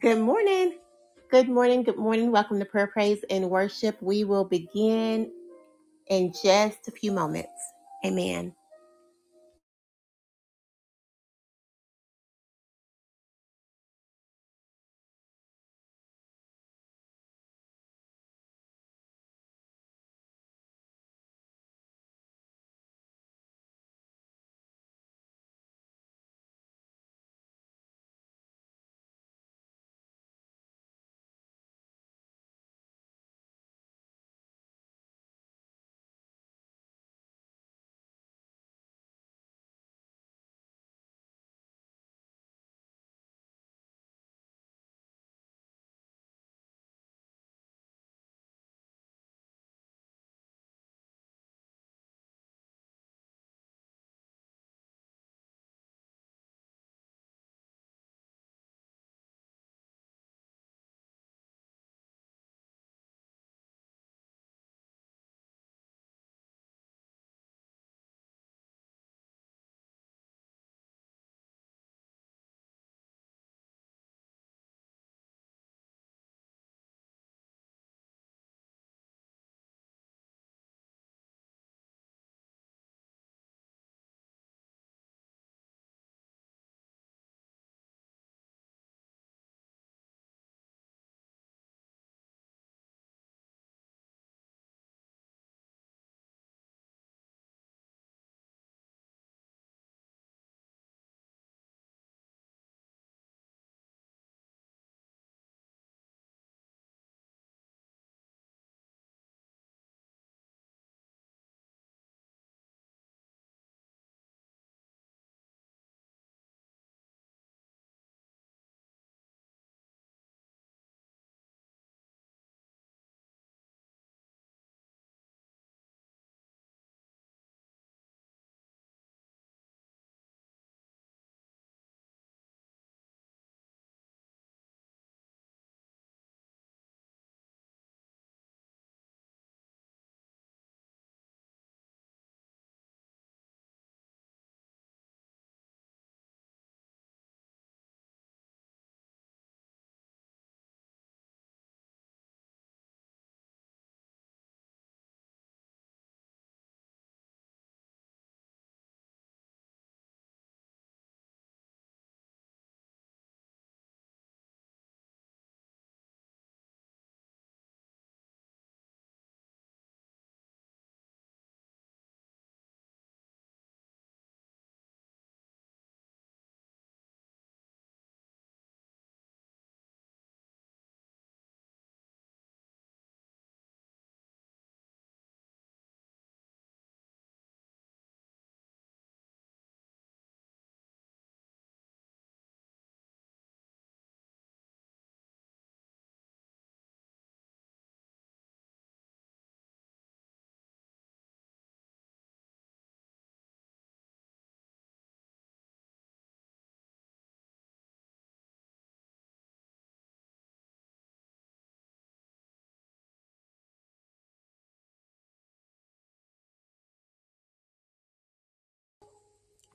Good morning. Good morning. Good morning. Welcome to Prayer, Praise, and Worship. We will begin in just a few moments. Amen.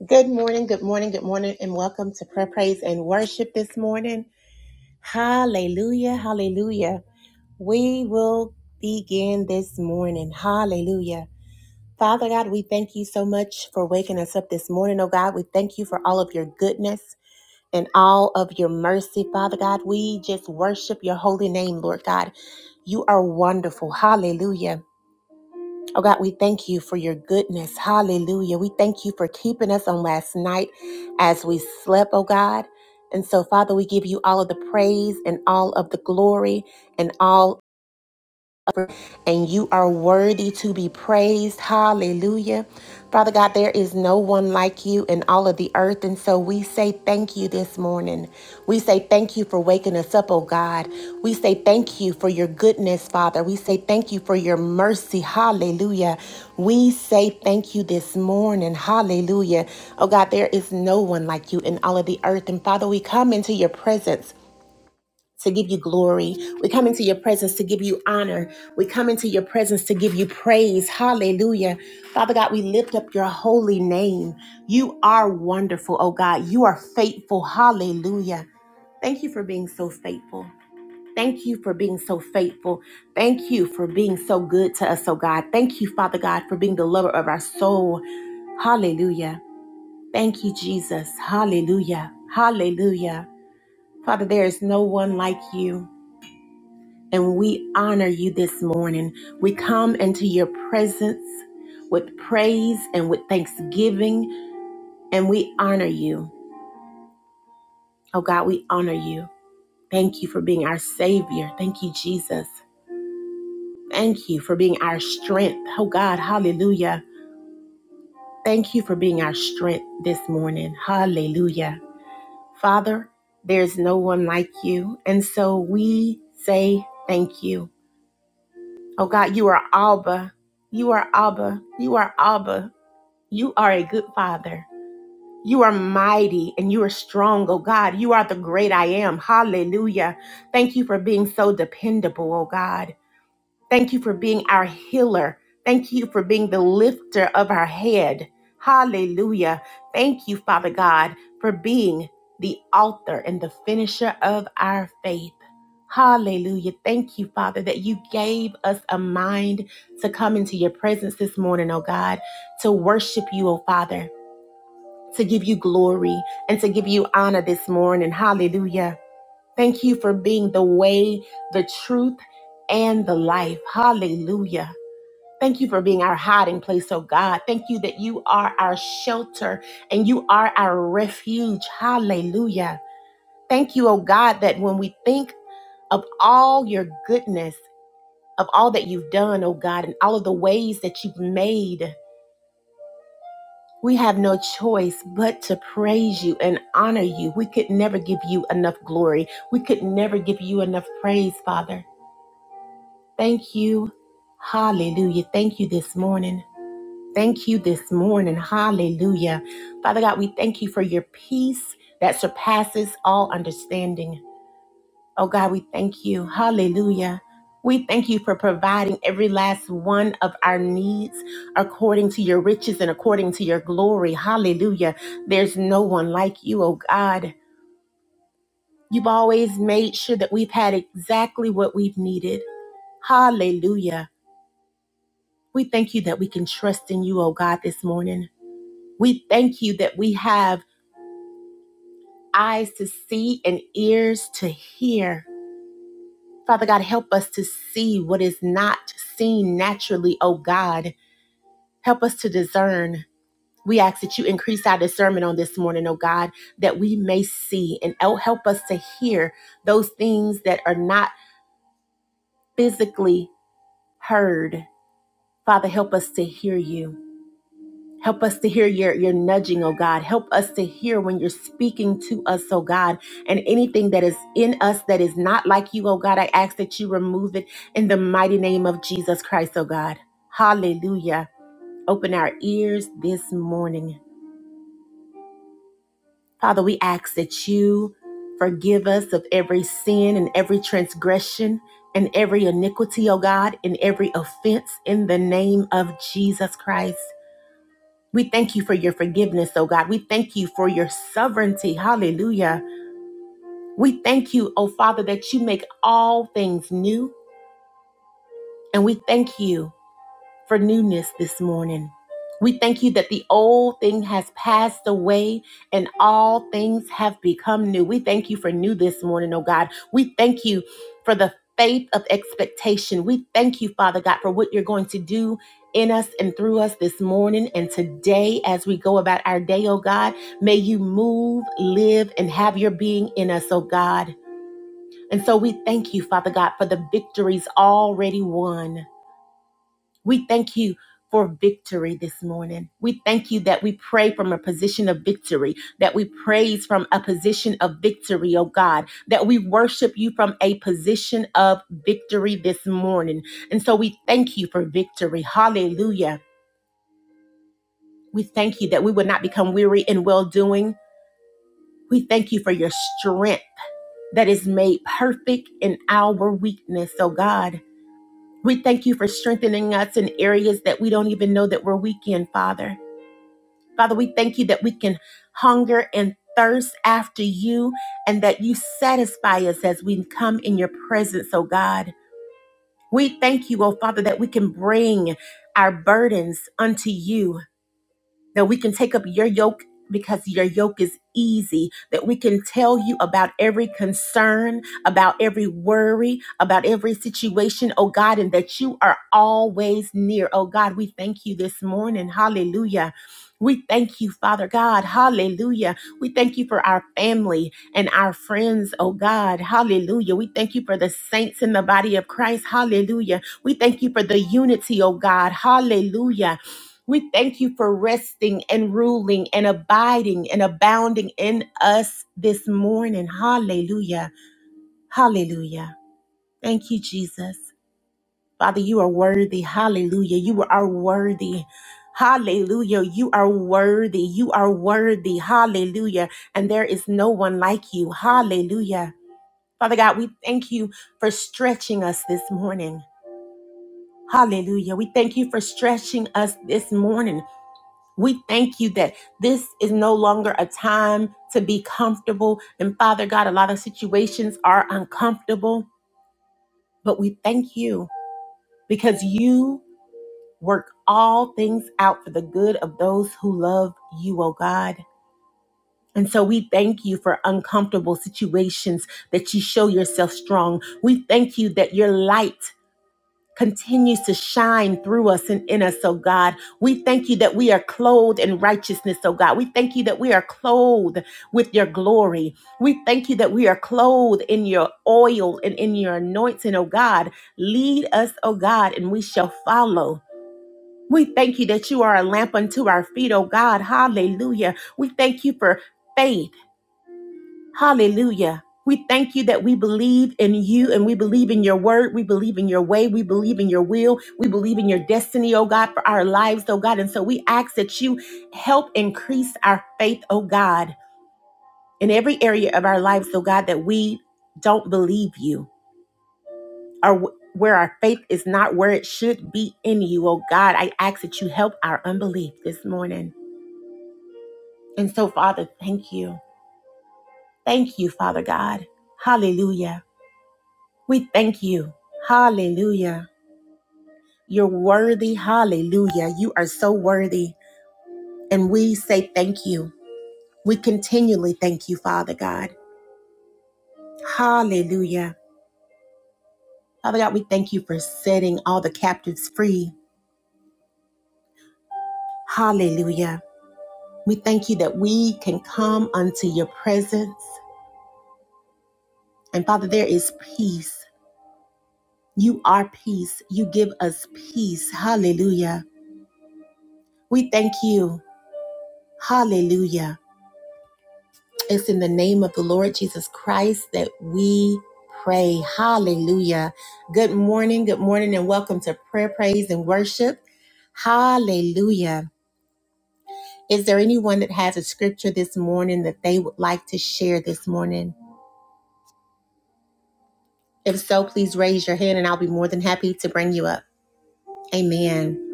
Good morning. Good morning. Good morning. And welcome to Prayer, Praise, and Worship this morning. Hallelujah. Hallelujah. We will begin this morning. Hallelujah. Father God, we thank you so much for waking us up this morning. Oh God, we thank you for all of your goodness. and all of your mercy, Father God. We just worship your holy name, Lord God. You are wonderful. Hallelujah. Oh God, we thank you for your goodness. Hallelujah. We thank you for keeping us on last night as we slept, oh God. And so, Father, we give you all of the praise and all of the glory and all and you are worthy to be praised. Hallelujah. Father God, there is no one like you in all of the earth. And so we say thank you this morning. We say thank you for waking us up, oh God. We say thank you for your goodness, Father. We say thank you for your mercy. Hallelujah. We say thank you this morning. Hallelujah. Oh God, there is no one like you in all of the earth. And Father, we come into your presence to give you glory. We come into your presence to give you honor. We come into your presence to give you praise. Hallelujah. Father God, we lift up your holy name. You are wonderful, oh God. You are faithful. Hallelujah. Thank you for being so faithful. Thank you for being so faithful. Thank you for being so good to us, oh God. Thank you, Father God, for being the lover of our soul. Hallelujah. Thank you, Jesus. Hallelujah. Hallelujah. Father, there is no one like you. And we honor you this morning. We come into your presence with praise and with thanksgiving, and we honor you. Oh God, we honor you. Thank you for being our Savior. Thank you, Jesus. Thank you for being our strength. Oh God, hallelujah. Thank you for being our strength this morning. Hallelujah. Father, there's no one like you. And so we say thank you. Oh God, you are Abba. You are Abba. You are Abba. You are a good father. You are mighty and you are strong, oh God. You are the great I am. Hallelujah. Thank you for being so dependable, oh God. Thank you for being our healer. Thank you for being the lifter of our head. Hallelujah. Thank you, Father God, for being the author and the finisher of our faith. Hallelujah. Thank you, Father, that you gave us a mind to come into your presence this morning, oh God to worship you, O Father to give you glory and to give you honor this morning. Hallelujah. Thank you for being the way, the truth, and the life. Hallelujah. Thank you for being our hiding place, oh God. Thank you that you are our shelter and you are our refuge. Hallelujah. Thank you, oh God, that when we think of all your goodness, of all that you've done, oh God, and all of the ways that you've made, We have no choice but to praise you and honor you. We could never give you enough glory. We could never give you enough praise, Father. Thank you. Hallelujah. Thank you this morning. Thank you this morning. Hallelujah. Father God, we thank you for your peace that surpasses all understanding. Oh God, we thank you. Hallelujah. We thank you for providing every last one of our needs according to your riches and according to your glory. Hallelujah. There's no one like you, oh God. You've always made sure that we've had exactly what we've needed. Hallelujah. We thank you that we can trust in you, oh God, this morning. We thank you that we have eyes to see and ears to hear. Father God, help us to see what is not seen naturally, oh God. Help us to discern. We ask that you increase our discernment on this morning, oh God, that we may see and el- help us to hear those things that are not physically heard. Father, help us to hear you. Help us to hear your, your nudging, oh God. Help us to hear when you're speaking to us, oh God. And anything that is in us that is not like you, oh God, I ask that you remove it in the mighty name of Jesus Christ, oh God. Hallelujah. Open our ears this morning. Father, we ask that you forgive us of every sin and every transgression and every iniquity, oh God, and every offense in the name of Jesus Christ. We thank you for your forgiveness, oh God. We thank you for your sovereignty. Hallelujah. We thank you, oh Father, that you make all things new. And we thank you for newness this morning. We thank you that the old thing has passed away and all things have become new. We thank you for new this morning, oh God. We thank you for the faith of expectation. We thank you, Father God, for what you're going to do in us and through us this morning and today as we go about our day, oh God. May you move, live, and have your being in us, oh God. And so we thank you, Father God, for the victories already won. We thank you for victory this morning. We thank you that we pray from a position of victory, that we praise from a position of victory, oh God, that we worship you from a position of victory this morning. And so we thank you for victory. Hallelujah. We thank you that we would not become weary in well doing. We thank you for your strength that is made perfect in our weakness, oh God. We thank you for strengthening us in areas that we don't even know that we're weak in, Father. Father, we thank you that we can hunger and thirst after you and that you satisfy us as we come in your presence, oh God. We thank you, oh Father, that we can bring our burdens unto you that we can take up your yoke because your yoke is easy, that we can tell you about every concern, about every worry, about every situation, oh God, and that you are always near. Oh God, we thank you this morning. Hallelujah. We thank you, Father God. Hallelujah. We thank you for our family and our friends, oh God. Hallelujah. We thank you for the saints in the body of Christ. Hallelujah. We thank you for the unity, oh God. Hallelujah. We thank you for resting and ruling and abiding and abounding in us this morning. Hallelujah. Hallelujah. Thank you, Jesus. Father, you are worthy. Hallelujah. You are worthy. Hallelujah. You are worthy. You are worthy. Hallelujah. And there is no one like you. Hallelujah. Father God, we thank you for stretching us this morning. Hallelujah. We thank you for stretching us this morning. We thank you that this is no longer a time to be comfortable. And Father God, a lot of situations are uncomfortable, but we thank you because you work all things out for the good of those who love you, oh God. And so we thank you for uncomfortable situations that you show yourself strong. We thank you that your light continues to shine through us and in us, oh God. We thank you that we are clothed in righteousness, oh God. We thank you that we are clothed with your glory. We thank you that we are clothed in your oil and in your anointing, oh God. Lead us, oh God, and we shall follow. We thank you that you are a lamp unto our feet, oh God. Hallelujah. We thank you for faith. Hallelujah. We thank you that we believe in you and we believe in your word. We believe in your way. We believe in your will. We believe in your destiny, oh God, for our lives, oh God. And so we ask that you help increase our faith, oh God, in every area of our lives, oh God, that we don't believe you or wh- where our faith is not where it should be in you, oh God. I ask that you help our unbelief this morning. And so, Father, thank you. Thank you, Father God. Hallelujah. We thank you. Hallelujah. You're worthy. Hallelujah. You are so worthy. And we say thank you. We continually thank you, Father God. Hallelujah. Father God, we thank you for setting all the captives free. Hallelujah. We thank you that we can come unto your presence. And Father, there is peace. You are peace. You give us peace. Hallelujah. We thank you. Hallelujah It's in the name of the Lord Jesus Christ that we pray. Hallelujah. Good morning, good morning, and welcome to prayer, praise, and worship. Hallelujah. Is there anyone that has a scripture this morning that they would like to share this morning? If so, please raise your hand and I'll be more than happy to bring you up. Amen.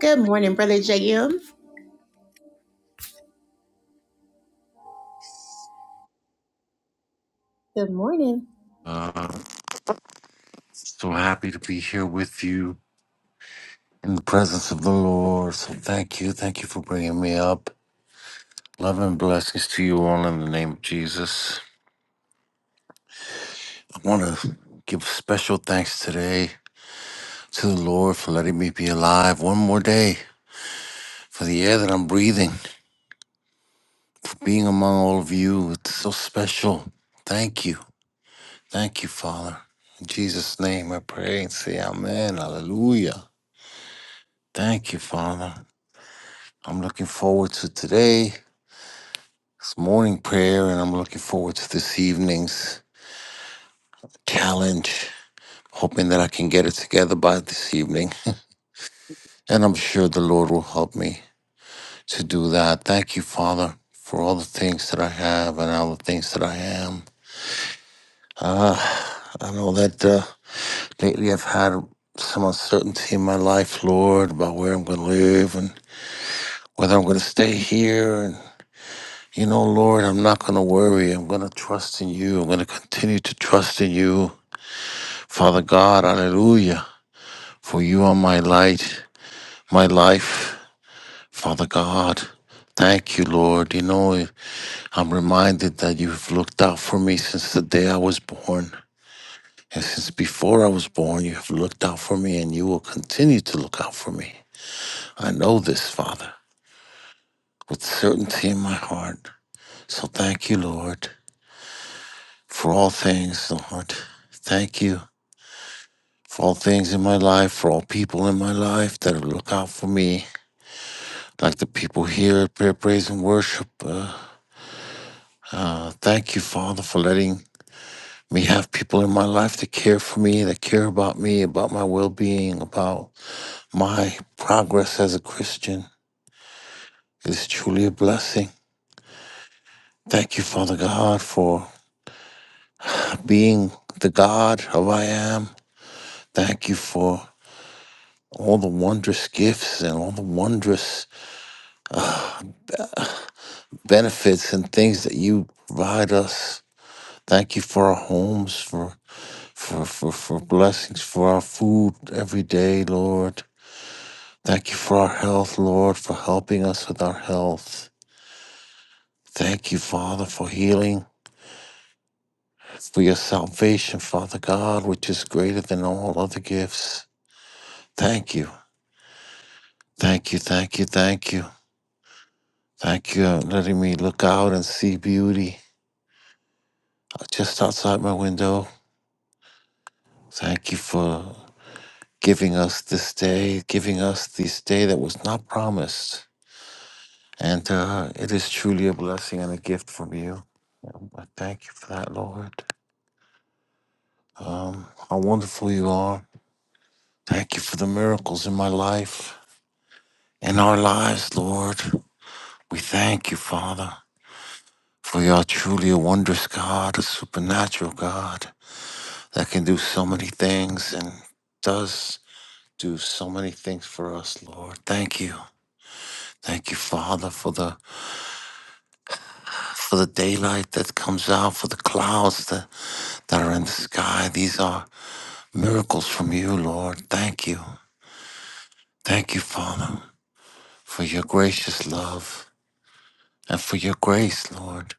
Good morning, Brother JM. Good morning. Uh, so happy to be here with you in the presence of the Lord. So thank you. Thank you for bringing me up. Love and blessings to you all in the name of Jesus. I want to give special thanks today to the Lord for letting me be alive one more day, for the air that I'm breathing, for being among all of you. It's so special. Thank you. Thank you, Father. In Jesus' name I pray and say amen. Hallelujah. Thank you, Father. I'm looking forward to today. It's morning prayer, and I'm looking forward to this evening's challenge. Hoping that I can get it together by this evening. and I'm sure the Lord will help me to do that. Thank you, Father, for all the things that I have and all the things that I am. Uh, I know that uh, lately I've had some uncertainty in my life, Lord, about where I'm going to live and whether I'm going to stay here. And, you know, Lord, I'm not going to worry. I'm going to trust in you. I'm going to continue to trust in you. Father God, hallelujah, for you are my light, my life. Father God, thank you, Lord. You know, I'm reminded that you've looked out for me since the day I was born. And since before I was born, you have looked out for me and you will continue to look out for me. I know this, Father, with certainty in my heart. So thank you, Lord, for all things, Lord. Thank you for all things in my life, for all people in my life that look out for me like the people here at Prayer, Praise, and Worship. Uh, uh, thank you, Father, for letting me have people in my life that care for me, that care about me, about my well being, about my progress as a Christian. It is truly a blessing. Thank you, Father God, for being the God of I am. Thank you for all the wondrous gifts and all the wondrous benefits and things that you provide us. Thank you for our homes, for for, for, for blessings for our food every day, Lord. Thank you for our health, Lord, for helping us with our health. Thank you, Father, for healing, for your salvation, Father God, which is greater than all other gifts. Thank you. Thank you, thank you, thank you. Thank you for letting me look out and see beauty just outside my window. Thank you for giving us this day, giving us this day that was not promised. And uh, it is truly a blessing and a gift from you. I thank you for that, Lord. Um, how wonderful you are. Thank you for the miracles in my life, in our lives, Lord. We thank you, Father, for you are truly a wondrous God, a supernatural God that can do so many things and does do so many things for us, Lord. Thank you. Thank you, Father, for the for the daylight that comes out, for the clouds that, that are in the sky. These are Miracles from you, Lord. Thank you. Thank you, Father, for your gracious love and for your grace, Lord.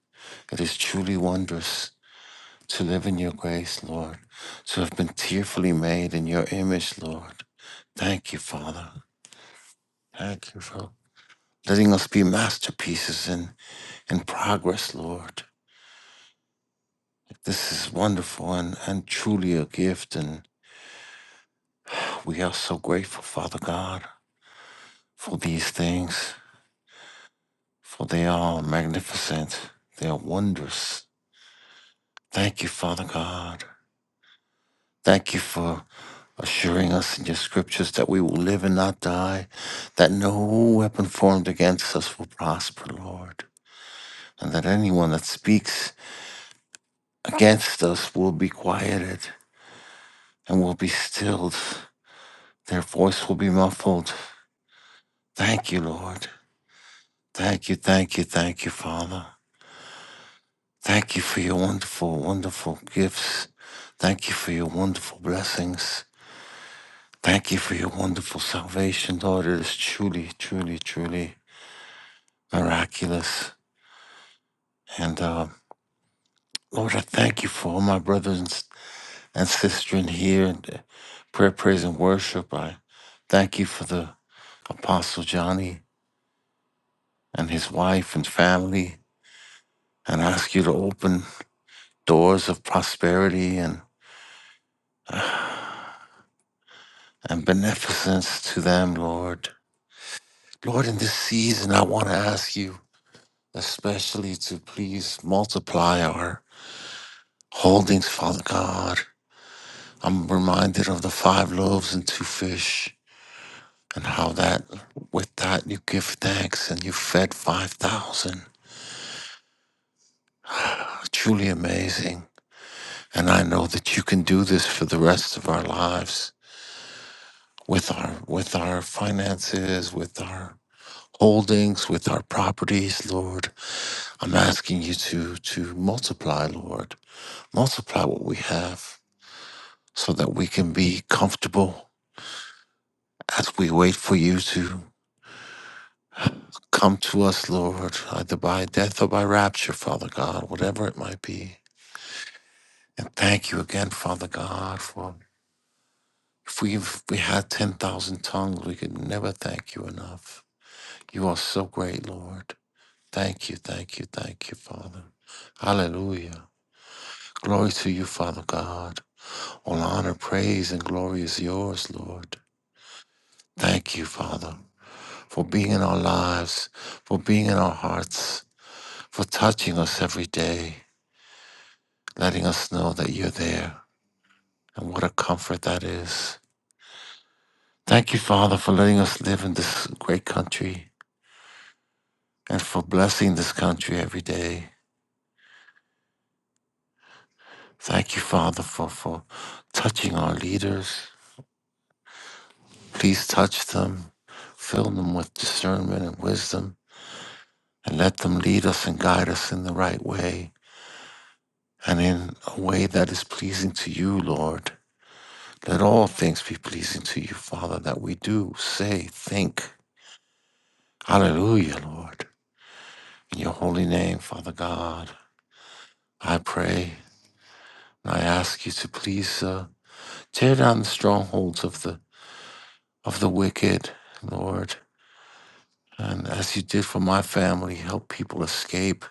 It is truly wondrous to live in your grace, Lord, to have been tearfully made in your image, Lord. Thank you, Father. Thank you for letting us be masterpieces in, in progress, Lord. This is wonderful and, and truly a gift, and we are so grateful, Father God, for these things. for they are magnificent, they are wondrous. Thank you, Father God. Thank you for assuring us in your scriptures that we will live and not die, that no weapon formed against us will prosper, Lord, and that anyone that speaks against us will be quieted and will be stilled. Their voice will be muffled. Thank you, Lord. Thank you, thank you, thank you, Father. Thank you for your wonderful, wonderful gifts. Thank you for your wonderful blessings. Thank you for your wonderful salvation, Lord. It is truly, truly, truly miraculous. And uh, Lord, I thank you for all my brothers and, s- and sisters in here and uh, prayer, praise, and worship. I thank you for the Apostle Johnny and his wife and family, and I ask you to open doors of prosperity and uh, and beneficence to them, Lord. Lord, in this season, I want to ask you especially to please multiply our holdings, Father God. I'm reminded of the five loaves and two fish and how that with that you give thanks and you fed 5,000. Truly amazing. And I know that you can do this for the rest of our lives with our with our finances, with our holdings, with our properties, Lord. I'm asking you to to multiply, Lord. Multiply what we have so that we can be comfortable as we wait for you to come to us, Lord, either by death or by rapture, Father God, whatever it might be. And thank you again, Father God, for if we if we had 10,000 tongues, we could never thank you enough. You are so great, Lord. Thank you, thank you, thank you, Father. Hallelujah. Glory to you, Father God. All honor, praise, and glory is yours, Lord. Thank you, Father. for being in our lives, for being in our hearts, for touching us every day, letting us know that you're there. And what a comfort that is. Thank you, Father, for letting us live in this great country and for blessing this country every day. Thank you, Father, for, for touching our leaders. Please touch them, fill them with discernment and wisdom, and let them lead us and guide us in the right way and in a way that is pleasing to you, Lord. Let all things be pleasing to you, Father, that we do say, think. Hallelujah, Lord. In your holy name, Father God, I pray and I ask you to please uh, tear down the strongholds of the of the wicked, Lord. And as you did for my family, help people escape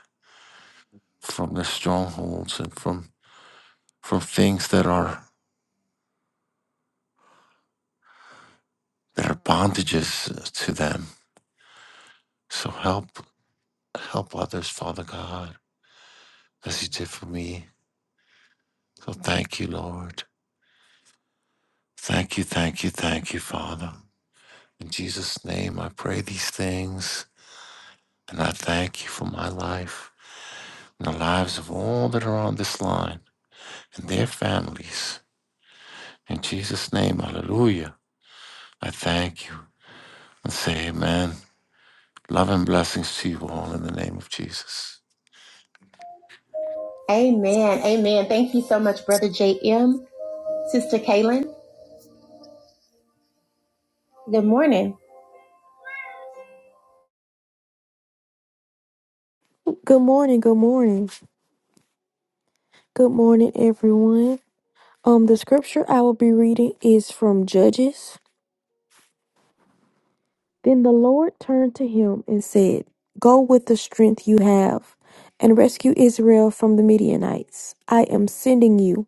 from their strongholds and from from things that are that are bondages to them. So help help others, Father God, as you did for me. So thank you, Lord. Thank you, thank you, thank you, Father. In Jesus' name, I pray these things and I thank you for my life and the lives of all that are on this line and their families. In Jesus' name, hallelujah. I thank you and say amen. Love and blessings to you all in the name of Jesus. Amen. Amen. Thank you so much, Brother JM. Sister Kaylin. Good morning. Good morning, good morning. Good morning, everyone. Um, the scripture I will be reading is from Judges. Then the Lord turned to him and said, Go with the strength you have and rescue Israel from the Midianites. I am sending you.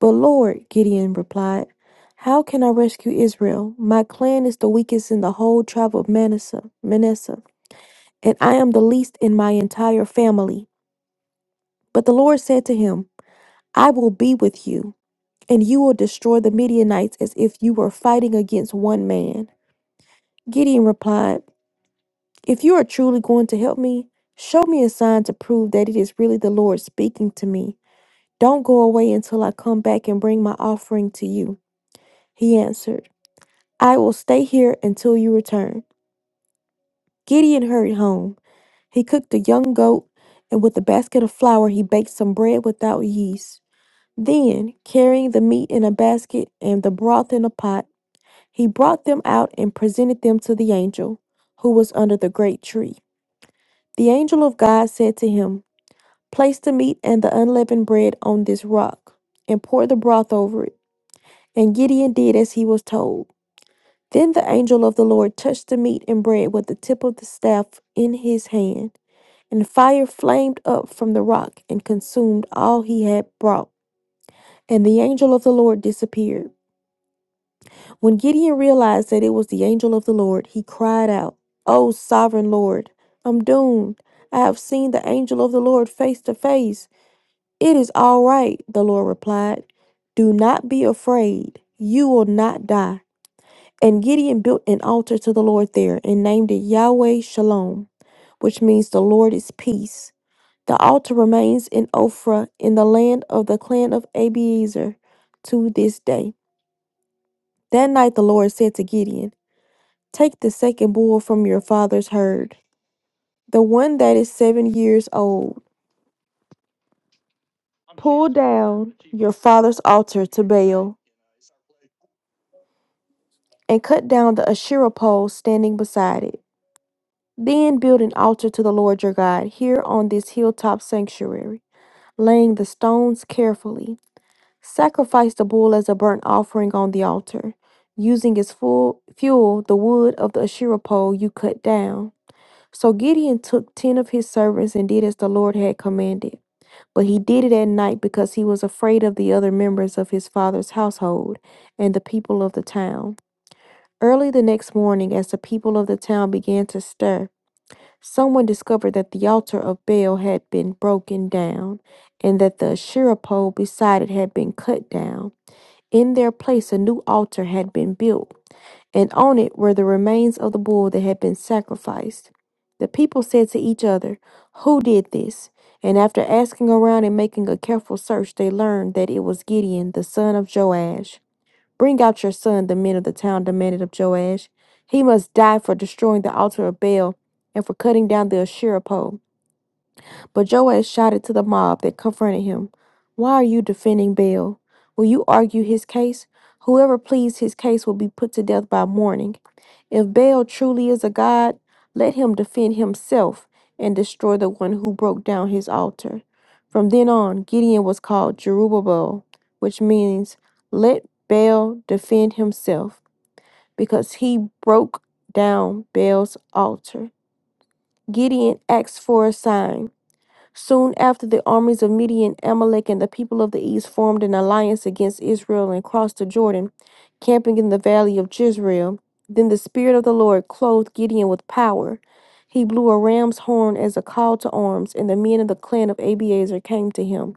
But Lord, Gideon replied, How can I rescue Israel? My clan is the weakest in the whole tribe of Manasseh, Manasseh, and I am the least in my entire family. But the Lord said to him, I will be with you and you will destroy the Midianites as if you were fighting against one man. Gideon replied, If you are truly going to help me, show me a sign to prove that it is really the Lord speaking to me. Don't go away until I come back and bring my offering to you. He answered, I will stay here until you return. Gideon hurried home. He cooked a young goat, and with a basket of flour, he baked some bread without yeast. Then, carrying the meat in a basket and the broth in a pot, He brought them out and presented them to the angel, who was under the great tree. The angel of God said to him, Place the meat and the unleavened bread on this rock, and pour the broth over it. And Gideon did as he was told. Then the angel of the Lord touched the meat and bread with the tip of the staff in his hand, and fire flamed up from the rock and consumed all he had brought. And the angel of the Lord disappeared. When Gideon realized that it was the angel of the Lord, he cried out, O sovereign Lord, I'm doomed. I have seen the angel of the Lord face to face. It is all right, the Lord replied. Do not be afraid. You will not die. And Gideon built an altar to the Lord there and named it Yahweh Shalom, which means the Lord is peace. The altar remains in Ophrah in the land of the clan of Abiezer to this day. That night the Lord said to Gideon, Take the second bull from your father's herd, the one that is seven years old. Pull down your father's altar to Baal, and cut down the Asherah pole standing beside it. Then build an altar to the Lord your God here on this hilltop sanctuary, laying the stones carefully. Sacrifice the bull as a burnt offering on the altar, using as full fuel the wood of the Asherah pole you cut down. So Gideon took ten of his servants and did as the Lord had commanded. But he did it at night because he was afraid of the other members of his father's household and the people of the town. Early the next morning, as the people of the town began to stir, someone discovered that the altar of Baal had been broken down and that the Asherah pole beside it had been cut down. In their place, a new altar had been built and on it were the remains of the bull that had been sacrificed. The people said to each other, Who did this? And after asking around and making a careful search, they learned that it was Gideon, the son of Joash. Bring out your son, the men of the town demanded of Joash. He must die for destroying the altar of Baal and for cutting down the Asherah pole. But Joash shouted to the mob that confronted him, Why are you defending Baal? Will you argue his case? Whoever pleads his case will be put to death by morning. If Baal truly is a god, let him defend himself and destroy the one who broke down his altar. From then on, Gideon was called Jerubbaal, which means let Baal defend himself, because he broke down Baal's altar. Gideon asked for a sign. Soon after, the armies of Midian, Amalek, and the people of the east formed an alliance against Israel and crossed the Jordan, camping in the valley of Jezreel. Then the Spirit of the Lord clothed Gideon with power. He blew a ram's horn as a call to arms, and the men of the clan of Abiezer came to him.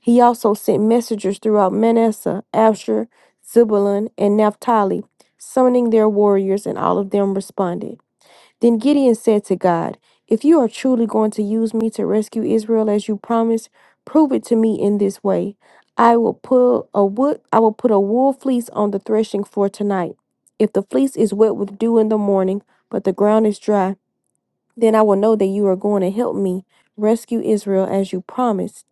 He also sent messengers throughout Manasseh, Asher, Zebulun, and Naphtali, summoning their warriors, and all of them responded. Then Gideon said to God, If you are truly going to use me to rescue Israel as you promised, prove it to me in this way. I will pull a wood I will put a wool fleece on the threshing floor tonight. If the fleece is wet with dew in the morning, but the ground is dry, then I will know that you are going to help me rescue Israel as you promised.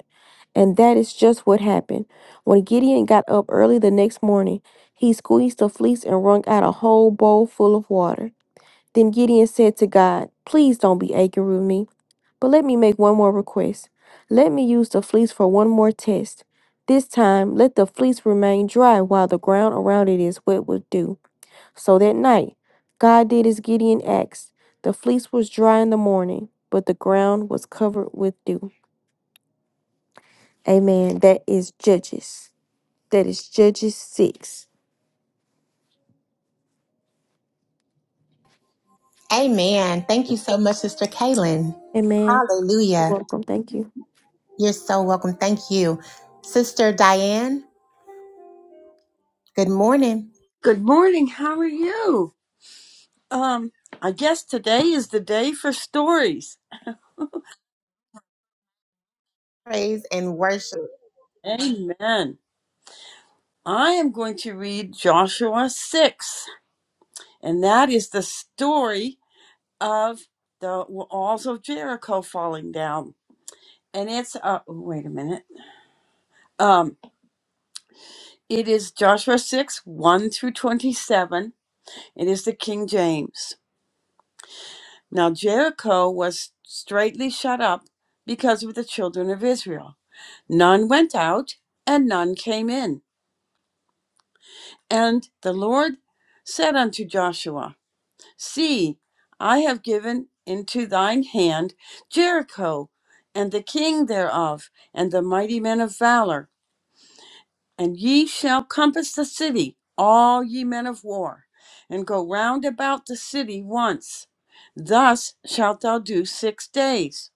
And that is just what happened. When Gideon got up early the next morning, he squeezed the fleece and wrung out a whole bowl full of water. Then Gideon said to God, Please don't be angry with me, but let me make one more request. Let me use the fleece for one more test. This time, let the fleece remain dry while the ground around it is wet with dew. So that night, God did as Gideon asked. The fleece was dry in the morning, but the ground was covered with dew. Amen. That is Judges. That is Judges 6. Amen. Thank you so much, Sister Kaylin. Amen. You're Hallelujah. welcome. Thank you. You're so welcome. Thank you. Sister Diane, good morning. Good morning. How are you? Um, I guess today is the day for stories. Praise and worship. Amen. I am going to read Joshua 6, and that is the story of the walls of Jericho falling down. And it's, uh, oh, wait a minute. Um, it is Joshua 6, 1 through 27. It is the King James. Now, Jericho was straitly shut up because of the children of Israel None went out, and none came in. And the Lord said unto Joshua, See, I have given into thine hand Jericho, and the king thereof, and the mighty men of valor. And ye shall compass the city, all ye men of war, and go round about the city once. Thus shalt thou do six days.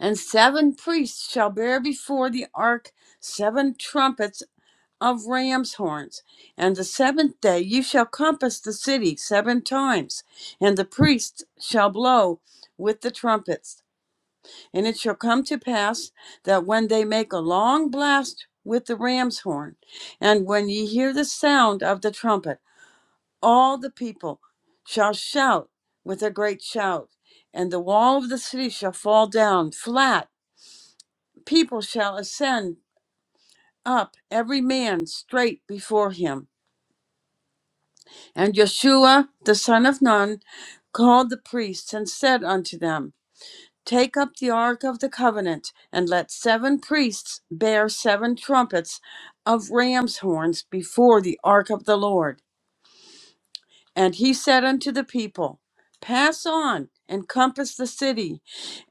And seven priests shall bear before the ark seven trumpets of ram's horns. And the seventh day you shall compass the city seven times, and the priests shall blow with the trumpets. And it shall come to pass that when they make a long blast with the ram's horn, and when ye hear the sound of the trumpet, all the people shall shout with a great shout, and the wall of the city shall fall down flat. People shall ascend up, every man straight before him And Joshua the son of Nun, called the priests and said unto them, Take up the ark of the covenant, and let seven priests bear seven trumpets of ram's horns before the ark of the Lord. And he said unto the people, Pass on and compass the city,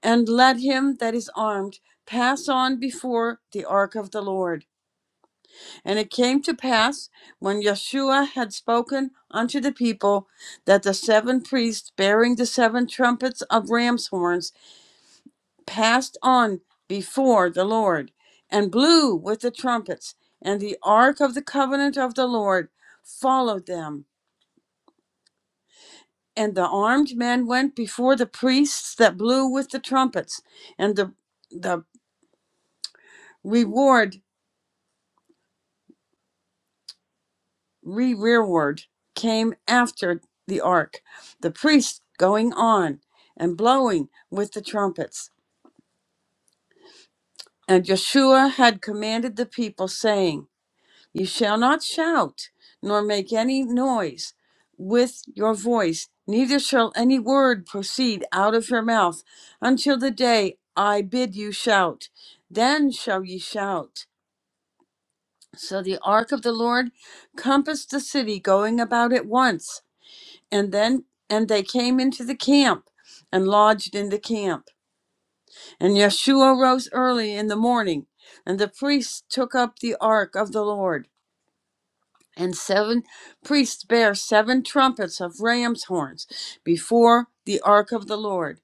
and let him that is armed pass on before the ark of the Lord. And it came to pass when Yeshua had spoken unto the people that the seven priests bearing the seven trumpets of ram's horns passed on before the Lord and blew with the trumpets, and the ark of the covenant of the Lord followed them. And the armed men went before the priests that blew with the trumpets, and the, the reward rearward came after the ark, the priests going on and blowing with the trumpets. And Joshua had commanded the people, saying, You shall not shout, nor make any noise with your voice, neither shall any word proceed out of your mouth until the day I bid you shout. Then shall ye shout. So the ark of the Lord compassed the city, going about it once. and then and they came into the camp and lodged in the camp and yeshua rose early in the morning and the priests took up the ark of the lord and seven priests bare seven trumpets of ram's horns before the ark of the lord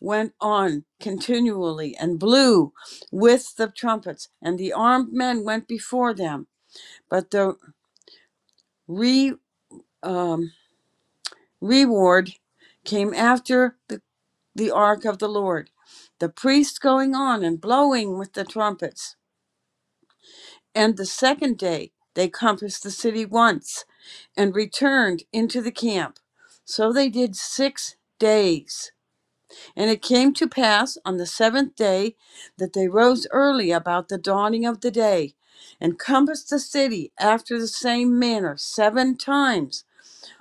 went on continually and blew with the trumpets and the armed men went before them but the re um, reward came after the. the ark of the Lord, the priests going on and blowing with the trumpets. And the second day they compassed the city once and returned into the camp. So they did six days. And it came to pass on the seventh day that they rose early about the dawning of the day and compassed the city after the same manner seven times.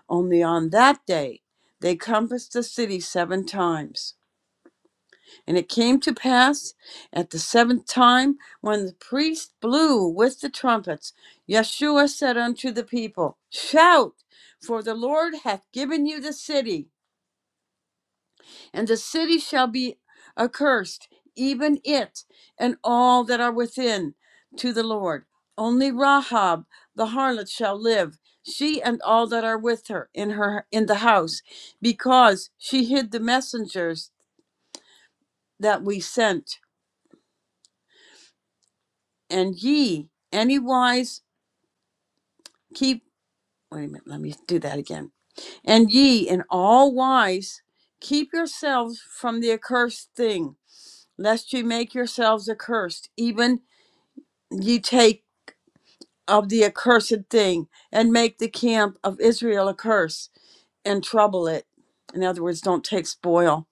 Only on that day they compassed the city seven times. And it came to pass at the seventh time, when the priest blew with the trumpets, Yeshua said unto the people, Shout, for the Lord hath given you the city, and the city shall be accursed, even it and all that are within, to the Lord. Only Rahab the harlot shall live, she and all that are with her in her in the house, because she hid the messengers that we sent. and ye any wise keep wait a minute let me do that again and ye in all wise keep yourselves from the accursed thing lest ye make yourselves accursed even ye take of the accursed thing and make the camp of israel a curse and trouble it in other words don't take spoil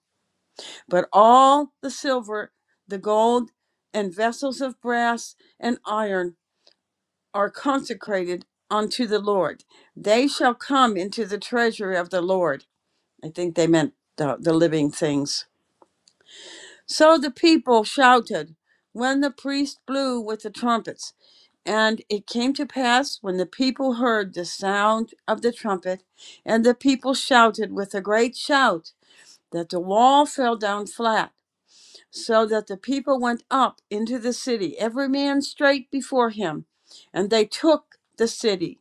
but all the silver the gold and vessels of brass and iron are consecrated unto the Lord. They shall come into the treasury of the Lord. I think they meant the, the living things. So the people shouted when the priest blew with the trumpets. And it came to pass when the people heard the sound of the trumpet, and the people shouted with a great shout, that the wall fell down flat, so that the people went up into the city, every man straight before him, and they took the city.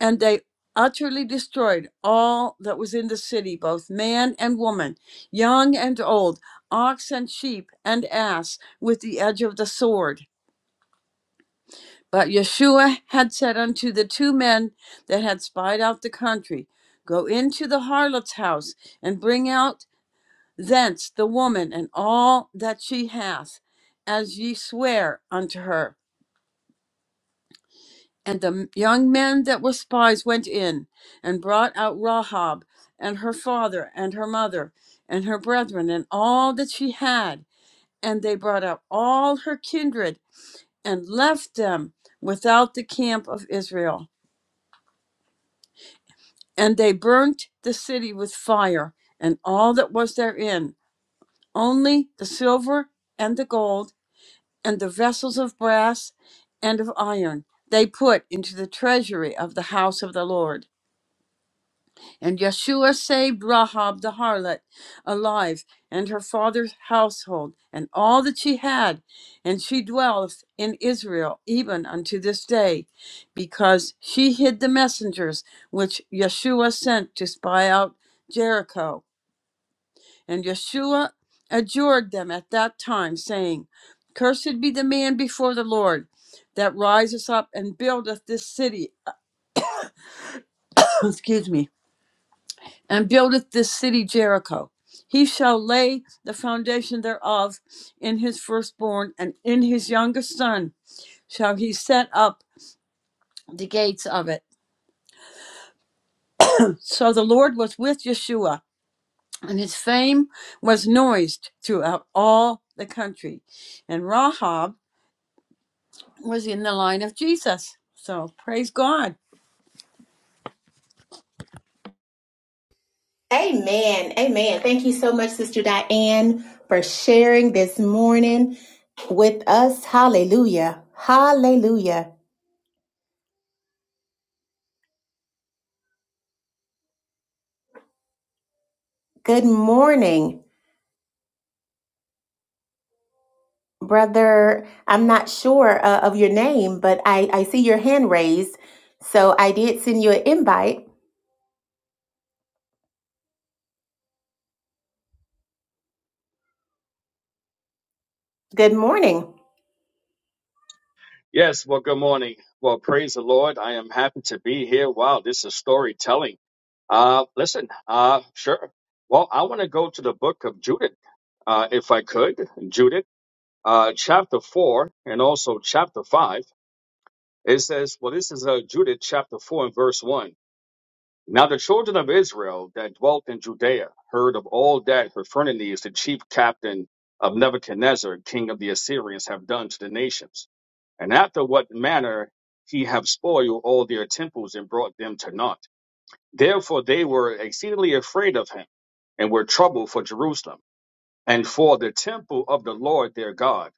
and they utterly destroyed all that was in the city, both man and woman, young and old, ox and sheep and ass, with the edge of the sword. But Yeshua had said unto the two men that had spied out the country, Go into the harlot's house, and bring out thence the woman and all that she hath, as ye swear unto her. And the young men that were spies went in and brought out Rahab and her father and her mother and her brethren and all that she had. And they brought out all her kindred and left them without the camp of Israel. And they burnt the city with fire and all that was therein, only the silver and the gold and the vessels of brass and of iron they put into the treasury of the house of the Lord. And Yeshua saved Rahab the harlot alive and her father's household and all that she had. And she dwelleth in Israel even unto this day, because she hid the messengers which Yeshua sent to spy out Jericho. And Yeshua adjured them at that time, saying, Cursed be the man before the Lord that riseth up and buildeth this city. Excuse me and buildeth this city Jericho. He shall lay the foundation thereof in his firstborn, and in his youngest son shall he set up the gates of it. So the Lord was with Yeshua, and his fame was noised throughout all the country. And Rahab was in the line of Jesus. So praise God. Amen. Amen. Thank you so much, Sister Diane, for sharing this morning with us. Hallelujah. Hallelujah. Good morning, brother. I'm not sure uh, of your name, but I, I see your hand raised. So I did send you an invite. Good morning. Yes, well, good morning. Well, praise the Lord. I am happy to be here. Wow, this is storytelling. Uh, listen, uh, sure. Well, I want to go to the book of Judith, uh, if I could. Judith, uh, chapter 4 and also chapter 5. It says, well, this is uh, Judith chapter 4 and verse 1. Now the children of Israel that dwelt in Judea heard of all that Hephernes, the chief captain of Nebuchadnezzar, king of the Assyrians, have done to the nations, and after what manner he have spoiled all their temples and brought them to naught. Therefore they were exceedingly afraid of him, and were troubled for Jerusalem, and for the temple of the Lord their God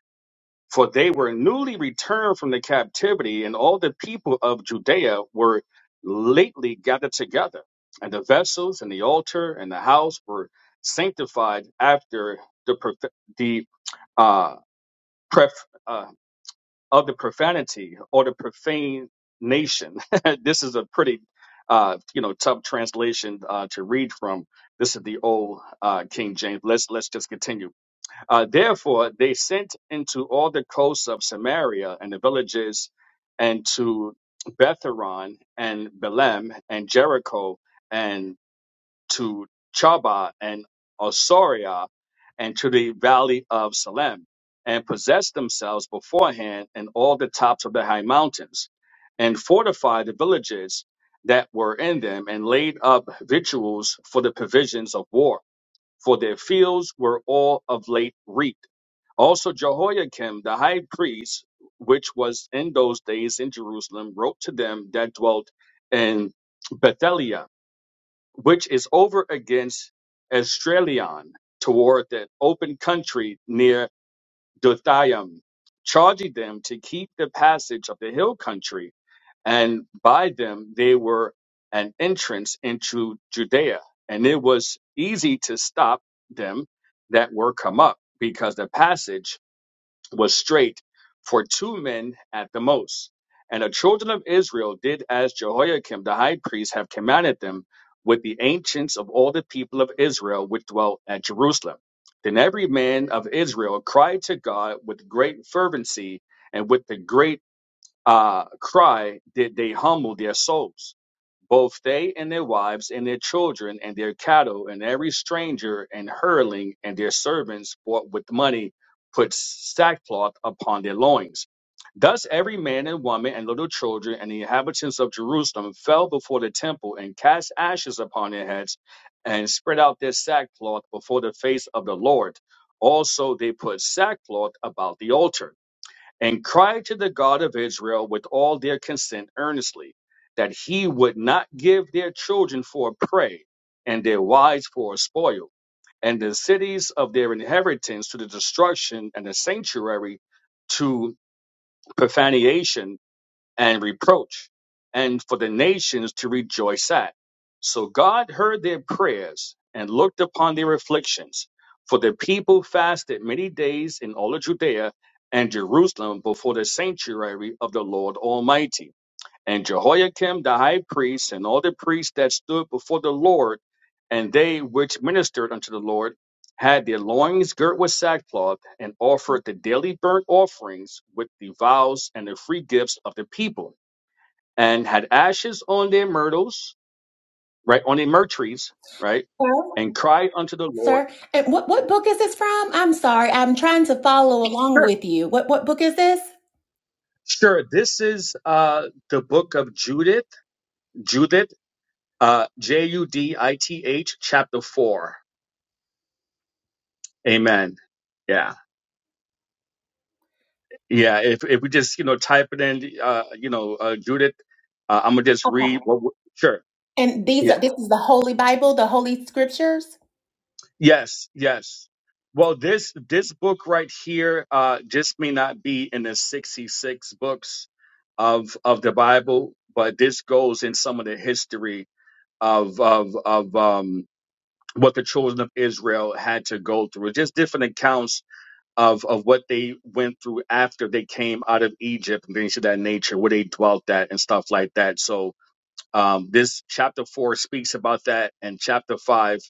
for they were newly returned from the captivity, and all the people of Judea were lately gathered together, and the vessels and the altar and the house were sanctified after the prof- the uh, pref- uh, of the profanity or the profane nation. this is a pretty uh, you know tough translation uh, to read from. This is the old uh, King James. Let's let's just continue. Uh, therefore, they sent into all the coasts of Samaria and the villages, and to Betharon and Belem and Jericho, and to Chaba and Osoria, and to the valley of Salem, and possessed themselves beforehand in all the tops of the high mountains, and fortified the villages that were in them, and laid up victuals for the provisions of war for their fields were all of late reaped. Also, Jehoiakim the high priest, which was in those days in Jerusalem, wrote to them that dwelt in Bethelia, which is over against Estrelion, toward the open country near Dothaim, charging them to keep the passage of the hill country, and by them they were an entrance into Judea. And it was easy to stop them that were come up, because the passage was straight for two men at the most. And the children of Israel did as Jehoiakim the high priest have commanded them with the ancients of all the people of Israel which dwelt at Jerusalem. Then every man of Israel cried to God with great fervency, and with the great uh, cry did they humble their souls both they and their wives and their children and their cattle and every stranger and hurling and their servants bought with money put sackcloth upon their loins. Thus every man and woman and little children and the inhabitants of Jerusalem fell before the temple and cast ashes upon their heads and spread out their sackcloth before the face of the Lord. Also they put sackcloth about the altar and cried to the God of Israel with all their consent earnestly, that he would not give their children for a prey, and their wives for a spoil, and the cities of their inheritance to the destruction, and the sanctuary to profanation, and reproach, and for the nations to rejoice at. So God heard their prayers and looked upon their afflictions. For the people fasted many days in all of Judea and Jerusalem before the sanctuary of the Lord Almighty. And Jehoiakim the high priest and all the priests that stood before the Lord, and they which ministered unto the Lord, had their loins girt with sackcloth, and offered the daily burnt offerings with the vows and the free gifts of the people and had ashes on their myrtles, right, on their myrtle trees, right, Hello. and cried unto the Lord. sir. And what, what book is this from? I'm sorry. I'm trying to follow along Sure, with you. What, what book is this? sure. This is uh, the book of Judith, Judith, uh, J U D I T H, chapter four. Amen. Yeah, yeah. If if we just you know type it in, uh, you know, uh, Judith, uh, I'm gonna just Okay. read. What, we- sure. And these Yeah. are this is the Holy Bible, the Holy Scriptures. Yes, yes. Well, this this book right here, uh, this may not be in the sixty-six books of of the Bible, but this goes in some of the history of of of um what the children of Israel had to go through. Just different accounts of of what they went through after they came out of Egypt and things of that nature, where they dwelt at and stuff like that. So um, this chapter four speaks about that, and chapter five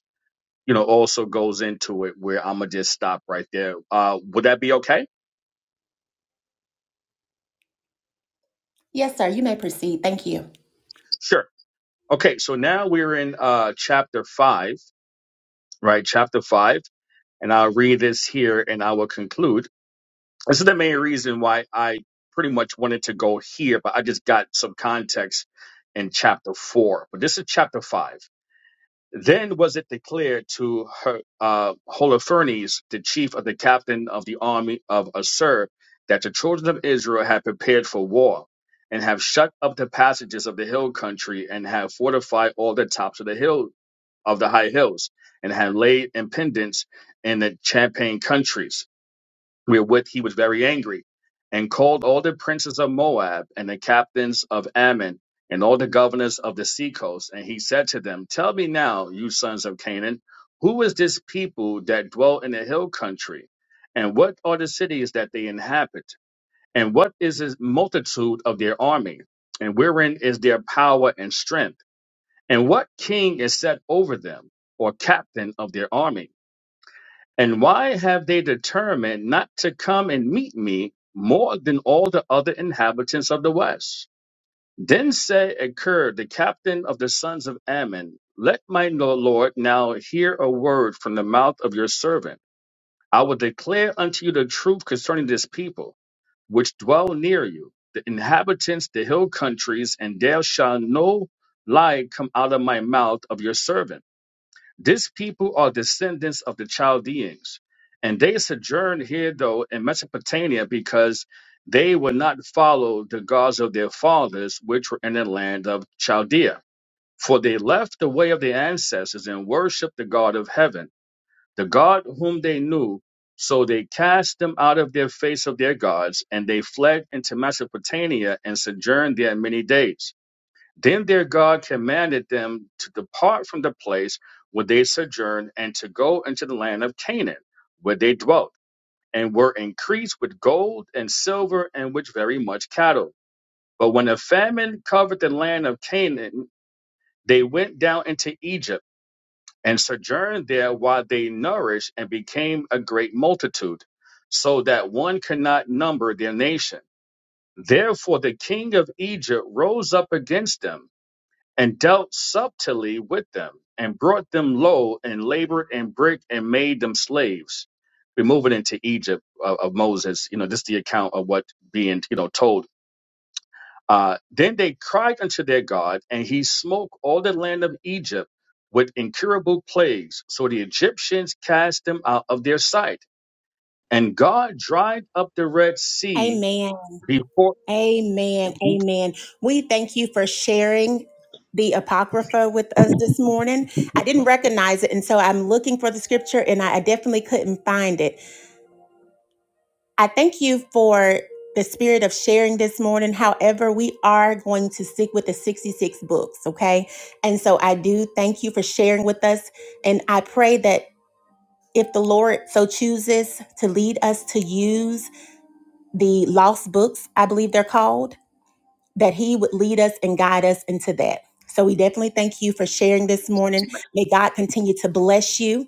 you know, also goes into it where I'm gonna just stop right there. Uh, would that be okay? Yes, sir. You may proceed. Thank you. Sure. Okay, so now we're in uh, chapter five, right? Chapter five, and I'll read this here, and I will conclude. This is the main reason why I pretty much wanted to go here, but I just got some context in chapter four. But this is chapter five. Then was it declared to her, uh, Holofernes, the chief of the captain of the army of Assur, that the children of Israel had prepared for war, and have shut up the passages of the hill country, and have fortified all the tops of the hill of the high hills, and have laid impediments in the champaign countries wherewith he was very angry, and called all the princes of Moab, and the captains of Ammon, and all the governors of the seacoast. And he said to them, Tell me now, you sons of Canaan, who is this people that dwell in the hill country? And what are the cities that they inhabit? And what is the multitude of their army? And wherein is their power and strength? And what king is set over them, or captain of their army? And why have they determined not to come and meet me more than all the other inhabitants of the west? Then said Akur, the captain of the sons of Ammon, Let my no- lord now hear a word from the mouth of your servant. I will declare unto you the truth concerning this people, which dwell near you, the inhabitants, the hill countries, and there shall no lie come out of my mouth of your servant. This people are descendants of the Chaldeans, and they sojourned here though in Mesopotamia because they would not follow the gods of their fathers, which were in the land of Chaldea. For they left the way of their ancestors and worshiped the God of heaven, the God whom they knew. So they cast them out of their face of their gods, and they fled into Mesopotamia and sojourned there many days. Then their God commanded them to depart from the place where they sojourned and to go into the land of Canaan, where they dwelt, and were increased with gold and silver and with very much cattle. But when a famine covered the land of Canaan, they went down into Egypt and sojourned there while they nourished and became a great multitude, so that one could not number their nation. Therefore, the king of Egypt rose up against them and dealt subtilly with them, and brought them low, and labored and bricked, and made them slaves. We're moving into Egypt uh, of Moses. You know, this is the account of what being, you know, told. Uh, then they cried unto their God, and he smote all the land of Egypt with incurable plagues. So the Egyptians cast them out of their sight. And God dried up the Red Sea Amen. before. Amen. Amen. We thank you for sharing the Apocrypha with us this morning. I didn't recognize it, and so I'm looking for the scripture, and I, I definitely couldn't find it. I thank you for the spirit of sharing this morning. However, we are going to stick with the 66 books, okay? And so I do thank you for sharing with us, and I pray that. If the Lord so chooses to lead us to use the lost books, I believe they're called, that he would lead us and guide us into that. So we definitely thank you for sharing this morning. May God continue to bless you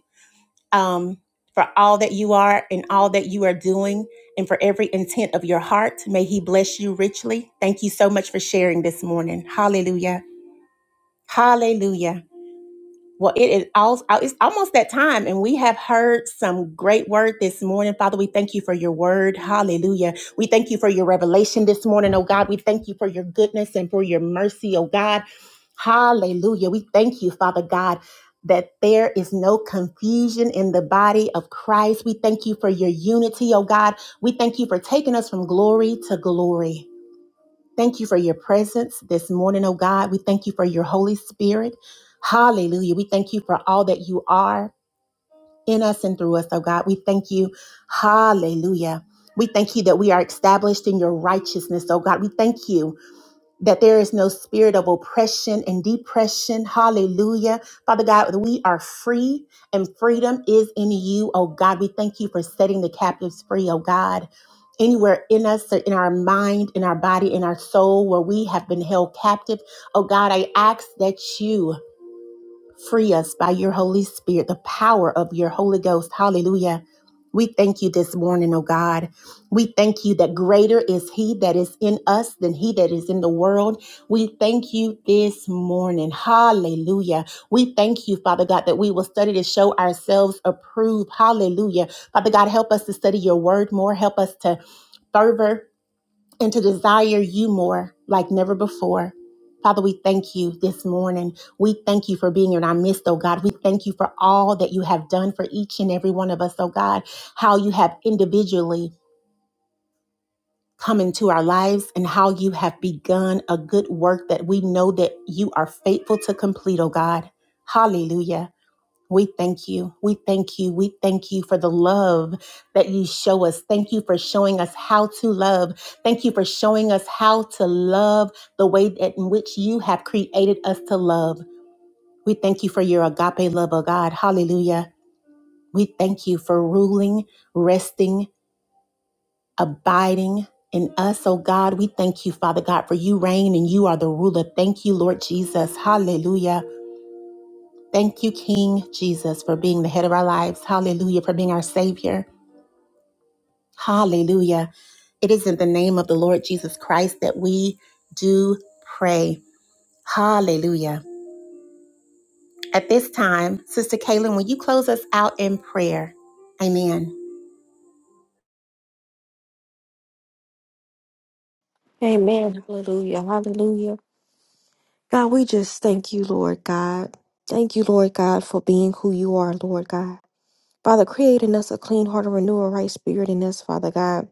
um, for all that you are and all that you are doing and for every intent of your heart. May he bless you richly. Thank you so much for sharing this morning. Hallelujah. Hallelujah. Well, it is all, it's almost that time, and we have heard some great word this morning. Father, we thank you for your word. Hallelujah. We thank you for your revelation this morning, oh God. We thank you for your goodness and for your mercy, oh God. Hallelujah. We thank you, Father God, that there is no confusion in the body of Christ. We thank you for your unity, oh God. We thank you for taking us from glory to glory. Thank you for your presence this morning, oh God. We thank you for your Holy Spirit. Hallelujah. We thank you for all that you are in us and through us, oh God. We thank you. Hallelujah. We thank you that we are established in your righteousness, oh God. We thank you that there is no spirit of oppression and depression. Hallelujah. Father God, we are free and freedom is in you. Oh God, we thank you for setting the captives free. Oh God, anywhere in us, or in our mind, in our body, in our soul, where we have been held captive. Oh God, I ask that you. Free us by your Holy Spirit, the power of your Holy Ghost. Hallelujah. We thank you this morning, oh God. We thank you that greater is He that is in us than He that is in the world. We thank you this morning. Hallelujah. We thank you, Father God, that we will study to show ourselves approved. Hallelujah. Father God, help us to study your word more. Help us to fervor and to desire you more like never before. Father, we thank you this morning. We thank you for being in our midst, oh God. We thank you for all that you have done for each and every one of us, oh God, how you have individually come into our lives and how you have begun a good work that we know that you are faithful to complete, oh God. Hallelujah. We thank you. We thank you. We thank you for the love that you show us. Thank you for showing us how to love. Thank you for showing us how to love the way that in which you have created us to love. We thank you for your agape love, oh God. Hallelujah. We thank you for ruling, resting, abiding in us, oh God. We thank you, Father God, for you reign and you are the ruler. Thank you, Lord Jesus. Hallelujah. Thank you, King Jesus, for being the head of our lives. Hallelujah, for being our Savior. Hallelujah. It is in the name of the Lord Jesus Christ that we do pray. Hallelujah. At this time, Sister Kaylin, will you close us out in prayer? Amen. Amen. Hallelujah. Hallelujah. God, we just thank you, Lord God. Thank you, Lord God, for being who you are, Lord God. Father, creating us a clean heart and renew a right spirit in us, Father God.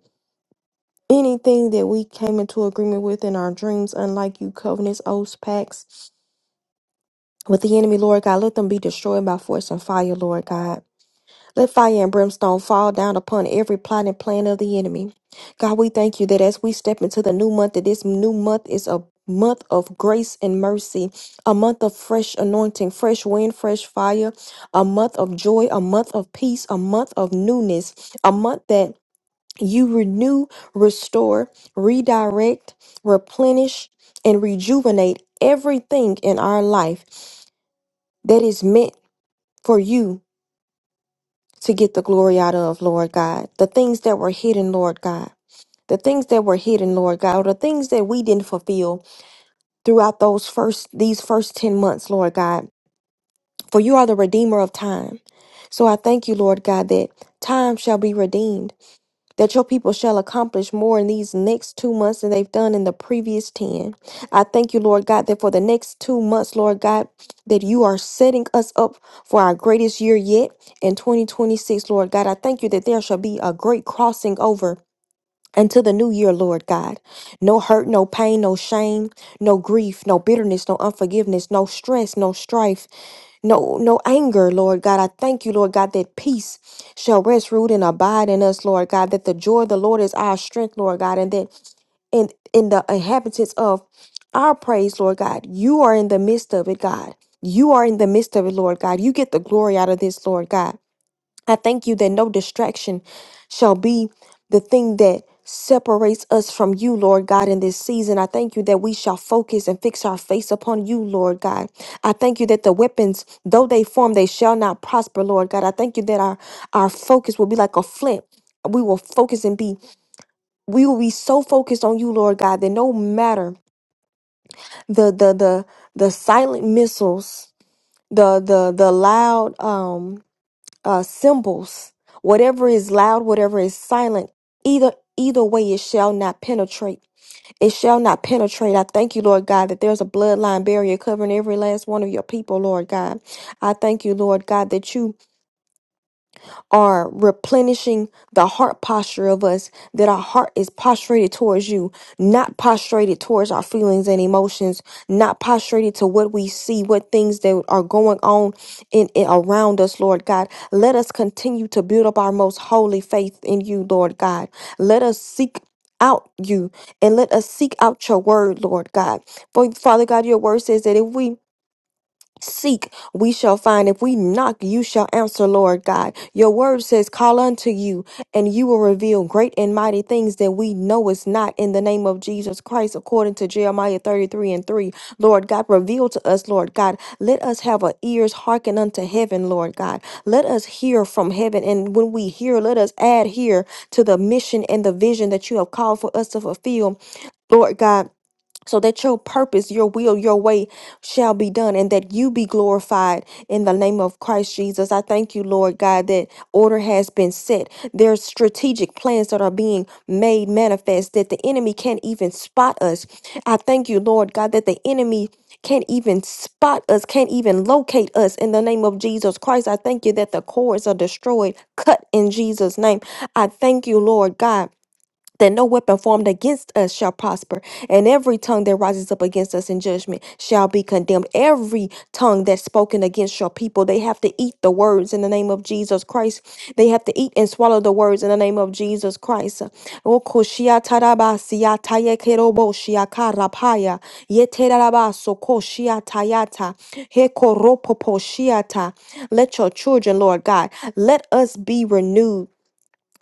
Anything that we came into agreement with in our dreams, unlike you, covenants, oaths, pacts with the enemy, Lord God, let them be destroyed by force and fire, Lord God. Let fire and brimstone fall down upon every plot and plan of the enemy. God, we thank you that as we step into the new month, that this new month is a month of grace and mercy, a month of fresh anointing, fresh wind, fresh fire, a month of joy, a month of peace, a month of newness, a month that you renew, restore, redirect, replenish, and rejuvenate everything in our life that is meant for you to get the glory out of, Lord God. The things that were hidden, Lord God. The things that were hidden, Lord God, or the things that we didn't fulfill throughout those first these first 10 months, Lord God. For you are the redeemer of time. So I thank you, Lord God, that time shall be redeemed that your people shall accomplish more in these next two months than they've done in the previous 10. I thank you, Lord God, that for the next two months, Lord God, that you are setting us up for our greatest year yet in 2026, Lord God. I thank you that there shall be a great crossing over. Until the new year, Lord God. No hurt, no pain, no shame, no grief, no bitterness, no unforgiveness, no stress, no strife no no anger lord god i thank you lord god that peace shall rest root and abide in us lord god that the joy of the lord is our strength lord god and that in in the inhabitants of our praise lord god you are in the midst of it god you are in the midst of it lord god you get the glory out of this lord god I thank you that no distraction shall be the thing that separates us from you, Lord God, in this season. I thank you that we shall focus and fix our face upon you, Lord God. I thank you that the weapons, though they form, they shall not prosper, Lord God. I thank you that our, our focus will be like a flint. We will focus and be we will be so focused on you, Lord God, that no matter the the the the silent missiles, the the the loud um uh, symbols, whatever is loud, whatever is silent, either either way it shall not penetrate. It shall not penetrate. I thank you, Lord God, that there's a bloodline barrier covering every last one of your people, Lord God. I thank you, Lord God, that you are replenishing the heart posture of us, that our heart is posturated towards you, not posturated towards our feelings and emotions, not posturated to what we see, what things that are going on in, in around us, Lord God. Let us continue to build up our most holy faith in you, Lord God. Let us seek out you and let us seek out your word, Lord God. For Father God, your word says that if we Seek, we shall find. If we knock, you shall answer, Lord God. Your word says, Call unto you, and you will reveal great and mighty things that we know is not in the name of Jesus Christ, according to Jeremiah 33 and 3. Lord God, reveal to us, Lord God. Let us have our ears hearken unto heaven, Lord God. Let us hear from heaven. And when we hear, let us add here to the mission and the vision that you have called for us to fulfill, Lord God so that your purpose, your will, your way shall be done, and that you be glorified in the name of Christ Jesus. I thank you, Lord God, that order has been set. There's strategic plans that are being made manifest that the enemy can't even spot us. I thank you, Lord God, that the enemy can't even spot us, can't even locate us in the name of Jesus Christ. I thank you that the cords are destroyed, cut in Jesus' name. I thank you, Lord God that no weapon formed against us shall prosper, and every tongue that rises up against us in judgment shall be condemned. Every tongue that's spoken against your people, they have to eat the words in the name of Jesus Christ. They have to eat and swallow the words in the name of Jesus Christ. Okoshiatarabasiatayekeroboshiakarapaya, yeterabasokoshiatayata, hekoropoposhiata. Let your children, Lord God, let us be renewed.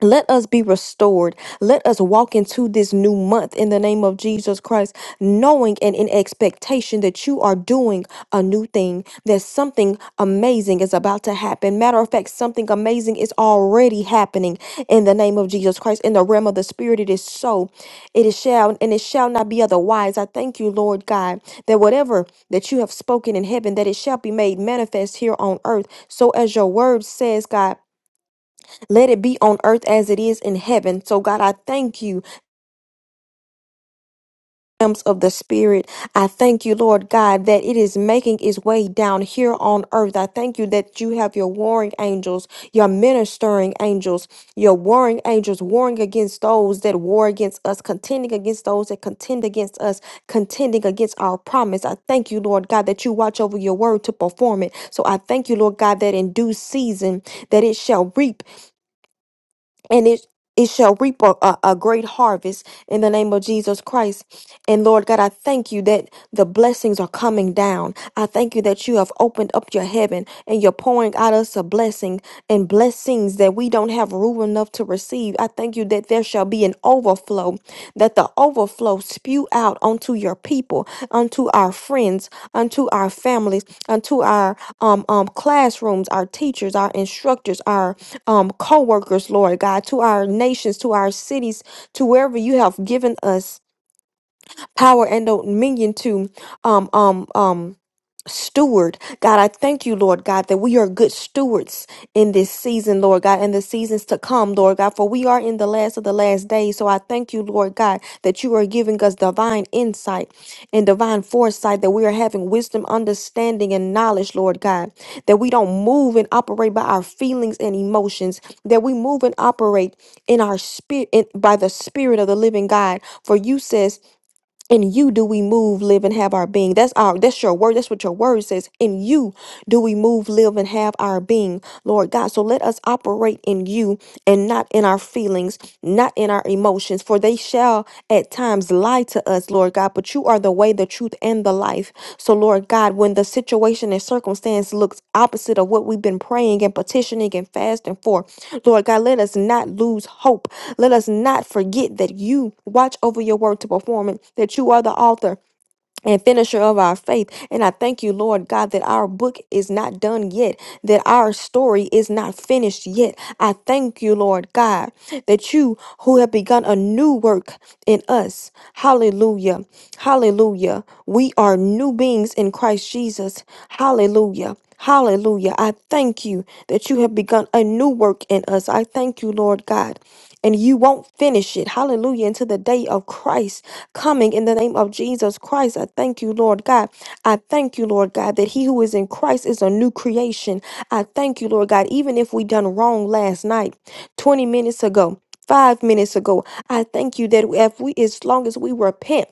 Let us be restored. Let us walk into this new month in the name of Jesus Christ, knowing and in expectation that you are doing a new thing, that something amazing is about to happen. Matter of fact, something amazing is already happening in the name of Jesus Christ. In the realm of the Spirit, it is so. It is shall, and it shall not be otherwise. I thank you, Lord God, that whatever that you have spoken in heaven, that it shall be made manifest here on earth. So, as your word says, God, let it be on earth as it is in heaven. So, God, I thank you, realms of the Spirit. I thank you, Lord God, that it is making its way down here on earth. I thank you that you have your warring angels, your ministering angels, your warring angels warring against those that war against us, contending against those that contend against us, contending against our promise. I thank you, Lord God, that you watch over your word to perform it. So, I thank you, Lord God, that in due season that it shall reap and it it shall reap a, a, a great harvest in the name of Jesus Christ. And Lord God, I thank you that the blessings are coming down. I thank you that you have opened up your heaven and you're pouring out us a blessing and blessings that we don't have room enough to receive. I thank you that there shall be an overflow, that the overflow spew out unto your people, unto our friends, unto our families, unto our um, um, classrooms, our teachers, our instructors, um, co workers, Lord God, to our nations, to our cities, to wherever you have given us power and dominion to um um um steward god i thank you lord god that we are good stewards in this season lord god and the seasons to come lord god for we are in the last of the last days so i thank you lord god that you are giving us divine insight and divine foresight that we are having wisdom understanding and knowledge lord god that we don't move and operate by our feelings and emotions that we move and operate in our spirit in, by the spirit of the living god for you says in you do we move, live, and have our being. That's our that's your word. That's what your word says. In you do we move, live, and have our being, Lord God. So let us operate in you and not in our feelings, not in our emotions, for they shall at times lie to us, Lord God. But you are the way, the truth, and the life. So, Lord God, when the situation and circumstance looks opposite of what we've been praying and petitioning and fasting for, Lord God, let us not lose hope let us not forget that you watch over your word to perform it, that you are the author and finisher of our faith. And I thank you, Lord God, that our book is not done yet, that our story is not finished yet. I thank you, Lord God, that you who have begun a new work in us. Hallelujah. Hallelujah. We are new beings in Christ Jesus. Hallelujah. Hallelujah. I thank you that you have begun a new work in us. I thank you, Lord God. And you won't finish it. Hallelujah. Until the day of Christ coming in the name of Jesus Christ. I thank you, Lord God. I thank you, Lord God, that he who is in Christ is a new creation. I thank you, Lord God, even if we done wrong last night, 20 minutes ago. Five minutes ago, I thank you that if we, as long as we repent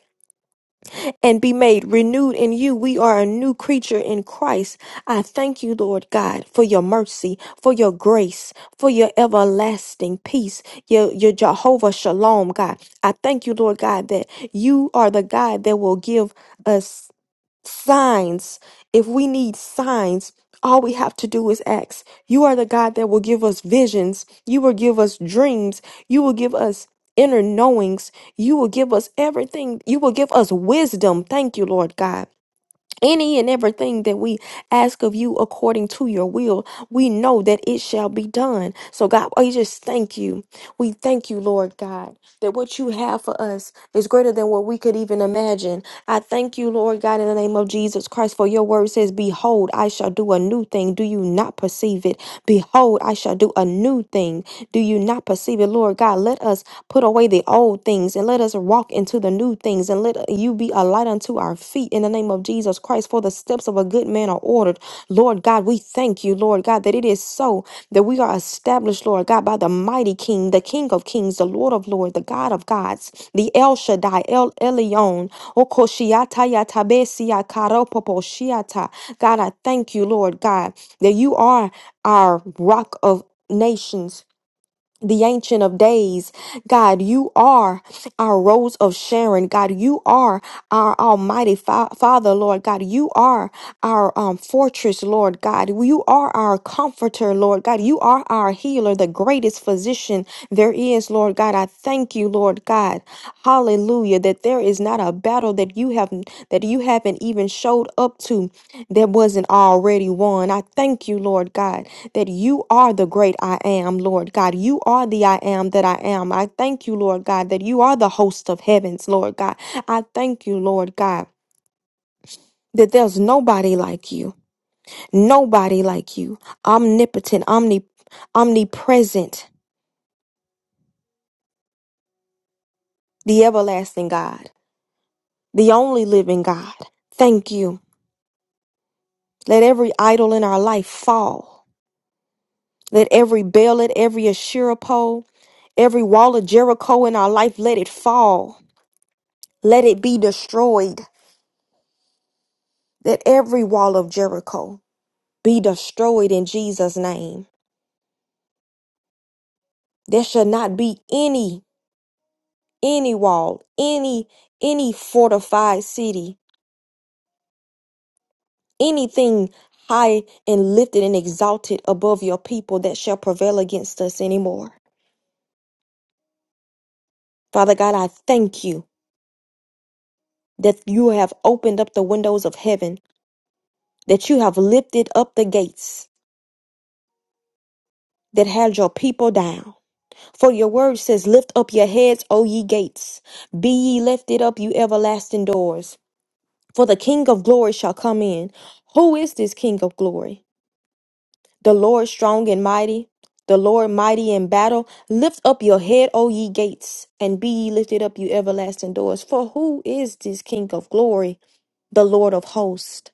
and be made renewed in you. We are a new creature in Christ. I thank you, Lord God, for your mercy, for your grace, for your everlasting peace, your, your Jehovah Shalom, God. I thank you, Lord God, that you are the God that will give us signs. If we need signs, all we have to do is ask. You are the God that will give us visions. You will give us dreams. You will give us inner knowings. You will give us everything. You will give us wisdom. Thank you, Lord God any and everything that we ask of you according to your will, we know that it shall be done. So, God, we just thank you. We thank you, Lord God, that what you have for us is greater than what we could even imagine. I thank you, Lord God, in the name of Jesus Christ, for your word says, Behold, I shall do a new thing. Do you not perceive it? Behold, I shall do a new thing. Do you not perceive it, Lord God? Let us Put away the old things and let us walk into the new things and let you be a light unto our feet in the name of Jesus Christ. For the steps of a good man are ordered. Lord God, we thank you, Lord God, that it is so that we are established, Lord God, by the mighty King, the King of Kings, the Lord of Lords, the God of Gods, the El Shaddai, El Elyon, Okoshiata Yatabesia Karopoposhiata. God, I thank you, Lord God, that you are our rock of nations the Ancient of Days. God, you are our Rose of Sharon. God, you are our Almighty fa- Father, Lord. God, you are our um, fortress, Lord. God, you are our comforter, Lord. God, you are our healer, the greatest physician there is, Lord. God, I thank you, Lord God. Hallelujah, that there is not a battle that you have that you haven't even showed up to that wasn't already won. I thank you, Lord God that you are the great I am, Lord God. You are the I am that I am. I thank you, Lord God, that you are the host of heavens, Lord God. I thank you, Lord God. That there's nobody like you, nobody like you, omnipotent, omni, omnipresent, the everlasting God, the only living God. Thank you. Let every idol in our life fall. Let every Baalit, every Asherah pole, every wall of Jericho in our life, let it fall. Let it be destroyed. that every wall of Jericho be destroyed in Jesus' name. There shall not be any, any wall, any, any fortified city, anything high and lifted and exalted above your people that shall prevail against us anymore. Father God, I thank you that you have opened up the windows of heaven, that you have lifted up the gates that held your people down. For your word says, Lift up your heads, O ye gates. Be ye lifted up, you everlasting doors. For the King of glory shall come in. Who is this King of glory? The Lord strong and mighty, the Lord mighty in battle. Lift up your head, O ye gates, and be ye lifted up, you everlasting doors. For who is this King of glory? The Lord of hosts.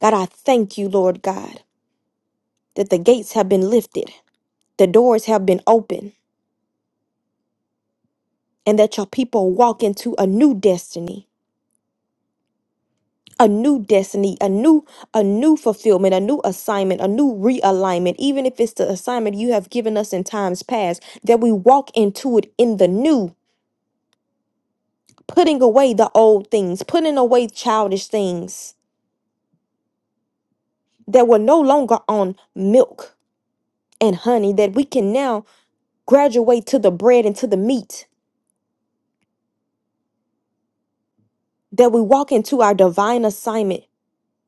God, I thank you, Lord God, that the gates have been lifted, the doors have been opened, and that your people walk into a new destiny a new destiny, a new a new fulfillment, a new assignment, a new realignment, even if it's the assignment you have given us in times past, that we walk into it in the new, putting away the old things, putting away childish things that were no longer on milk and honey, that we can now graduate to the bread and to the meat, that we walk into our divine assignment,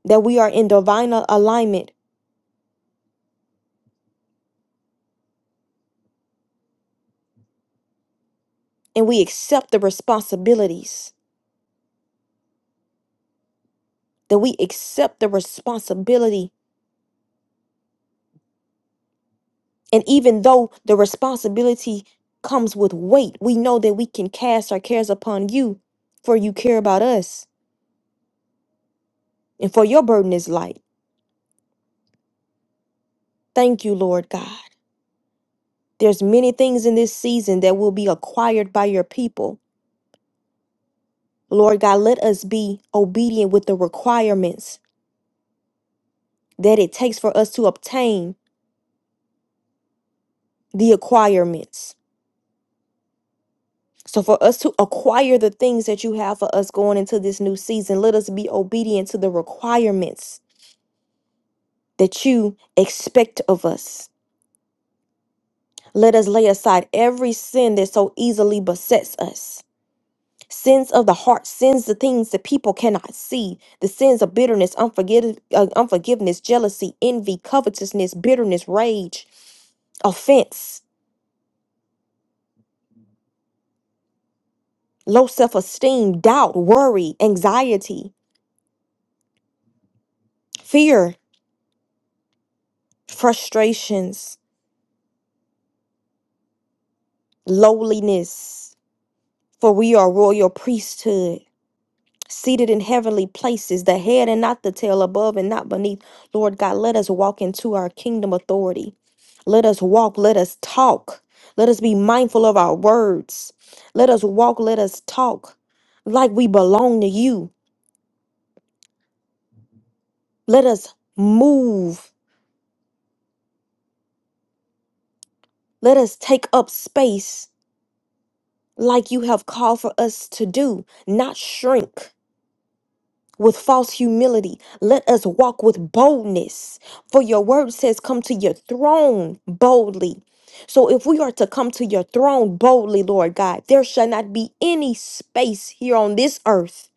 that we are in divine a- alignment, and we accept the responsibilities, that we accept the responsibility And even though the responsibility comes with weight, we know that we can cast our cares upon you, for you care about us, and for your burden is light. Thank you, Lord God. There's many things in this season that will be acquired by your people. Lord God, let us be obedient with the requirements that it takes for us to obtain the acquirements. So, for us to acquire the things that you have for us going into this new season, let us be obedient to the requirements that you expect of us. Let us lay aside every sin that so easily besets us. Sins of the heart, sins the things that people cannot see, the sins of bitterness, unforgiv- uh, unforgiveness, jealousy, envy, covetousness, bitterness, rage, offense, low self esteem, doubt, worry, anxiety, fear, frustrations, lowliness. For we are royal priesthood. seated in heavenly places, the head and not the tail, above and not beneath. Lord God, let us walk into our kingdom authority. Let us walk, let us talk. Let us be mindful of our words. Let us walk, let us talk like we belong to you. Let us move. Let us take up space like you have called for us to do, not shrink. with false humility. Let us walk with boldness. For your word says, Come to your throne boldly. So if we are to come to your throne boldly, Lord God, there shall not be any space here on this earth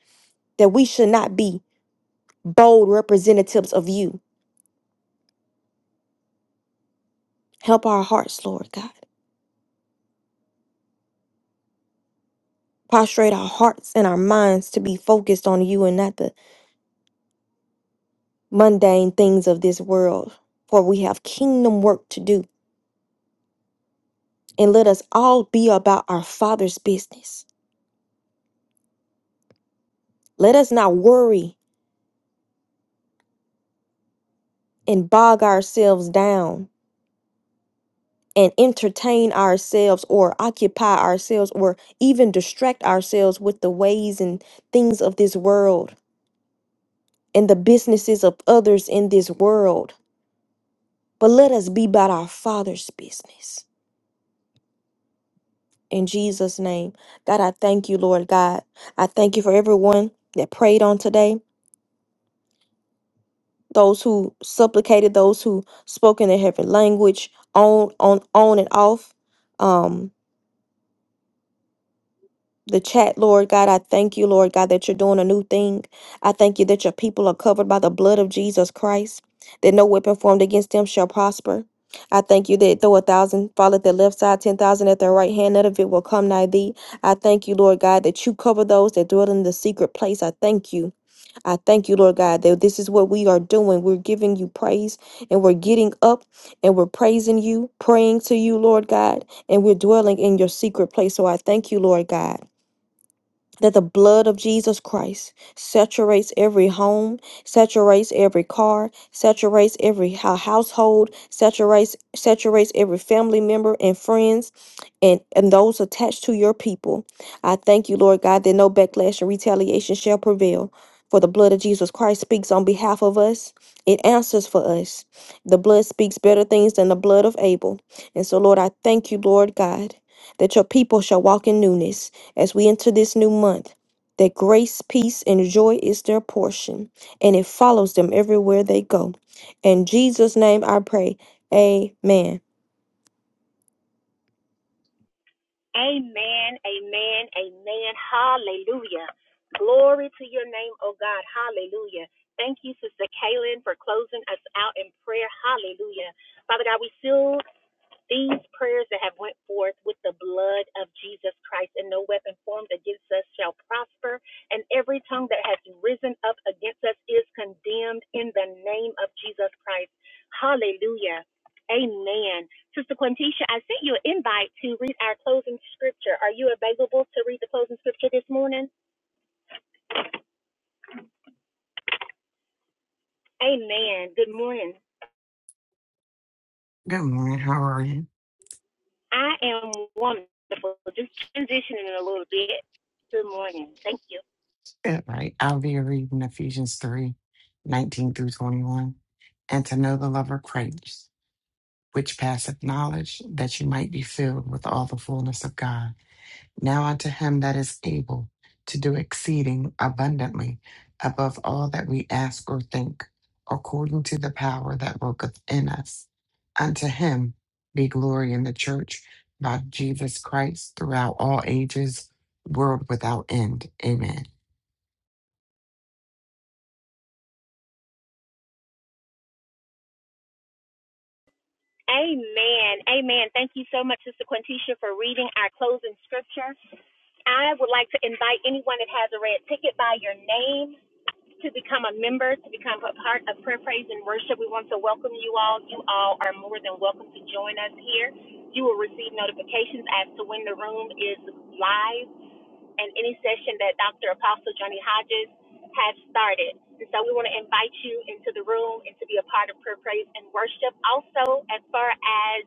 that we should not be bold representatives of you. Help our hearts, Lord God. Prostrate our hearts and our minds to be focused on you and not the mundane things of this world. For we have kingdom work to do. And let us all be about our Father's business. Let us not worry and bog ourselves down and entertain ourselves or occupy ourselves or even distract ourselves with the ways and things of this world and the businesses of others in this world. But let us be about our Father's business. In Jesus' name, God, I thank you, Lord God. I thank you for everyone that prayed on today, those who supplicated, those who spoke in their heavenly language, on, on, on and off. Um, the chat, Lord God. I thank you, Lord God, that you're doing a new thing. I thank you that your people are covered by the blood of Jesus Christ, that no weapon formed against them shall prosper. I thank you that though a thousand fall at their left side, ten thousand at their right hand, none of it will come nigh thee. I thank you, Lord God, that you cover those that dwell in the secret place. I thank you. I thank you, Lord God, that this is what we are doing. We're giving you praise and we're getting up and we're praising you, praying to you, Lord God, and we're dwelling in your secret place. So I thank you, Lord God that the blood of Jesus Christ saturates every home, saturates every car, saturates every hou- household, saturates saturates every family member and friends and and those attached to your people. I thank you, Lord God, that no backlash and retaliation shall prevail. For the blood of Jesus Christ speaks on behalf of us. It answers for us. The blood speaks better things than the blood of Abel. And so, Lord, I thank you, Lord God, that your people shall walk in newness as we enter this new month, that grace, peace, and joy is their portion, and it follows them everywhere they go. In Jesus' name I pray. Amen. Amen, amen, amen. Hallelujah. Glory to your name, oh God. Hallelujah. Thank you, Sister Kaylin, for closing us out in prayer. Hallelujah. Father God, we seal These prayers that have went forth with the blood of Jesus Christ, and no weapon formed against us shall prosper, and every tongue that has risen up against us is condemned in the name of Jesus Christ. Hallelujah. Amen. Sister Quintisha, I sent you an invite to read our closing scripture. Are you available to read the closing scripture this morning? Amen. Good morning. Good morning. How are you? I am wonderful. Just transitioning a little bit. Good morning. Thank you. Good, right? I'll be reading Ephesians 3, 19 through 21. And to know the love of Christ, which passeth knowledge, that you might be filled with all the fullness of God. Now unto him that is able to do exceeding abundantly above all that we ask or think, according to the power that worketh in us. Unto him be glory in the church by Jesus Christ throughout all ages, world without end. Amen. Amen. Amen. Thank you so much, Sister Quintisha, for reading our closing scripture. I would like to invite anyone that has a red ticket by your name to become a member, to become a part of prayer, praise, and worship. We want to welcome you all. You all are more than welcome to join us here. You will receive notifications as to when the room is live and any session that Dr. Apostle Johnny Hodges has started. And so we want to invite you into the room and to be a part of prayer, praise, and worship. Also, as far as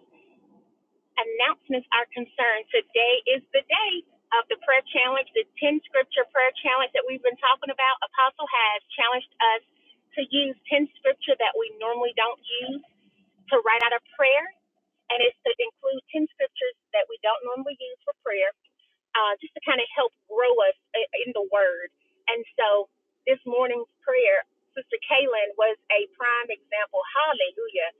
announcements are concerned, today is the day of the prayer challenge, the 10 scripture prayer challenge that we've been talking about. Apostle has challenged us to use 10 scripture that we normally don't use to write out a prayer, and it's to include 10 scriptures that we don't normally use for prayer, uh, just to kind of help grow us i- in the Word. And so this morning's prayer, Sister Kaylin was a prime example. Hallelujah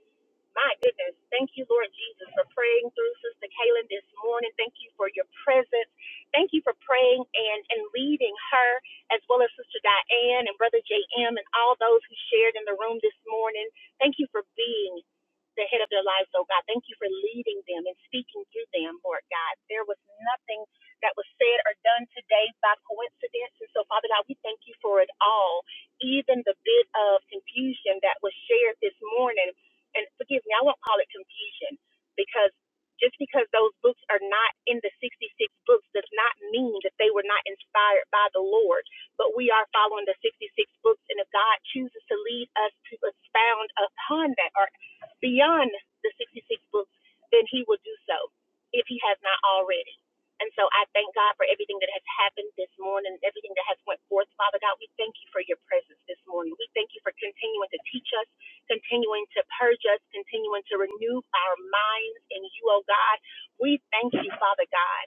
my goodness. Thank you, Lord Jesus, for praying through Sister Kaylin this morning. Thank you for your presence. Thank you for praying and, and leading her, as well as Sister Diane and Brother JM and all those who shared in the room this morning. Thank you for being the head of their lives, oh God. Thank you for leading them and speaking through them, Lord God. There was nothing that was said or done today by coincidence. And so, Father God, we thank you for it all, even the bit of confusion that was shared this morning and forgive me, I won't call it confusion because just because those books are not in the 66 books does not mean that they were not inspired by the Lord. But we are following the 66 books, and if God chooses to lead us to expound upon that or beyond the 66 books, then He will do so if He has not already. And so I thank God for everything that has happened this morning, everything that has went forth. Father God, we thank you for your presence this morning. We thank you for continuing to teach us continuing to purge us, continuing to renew our minds in you, oh God. We thank you, Father God,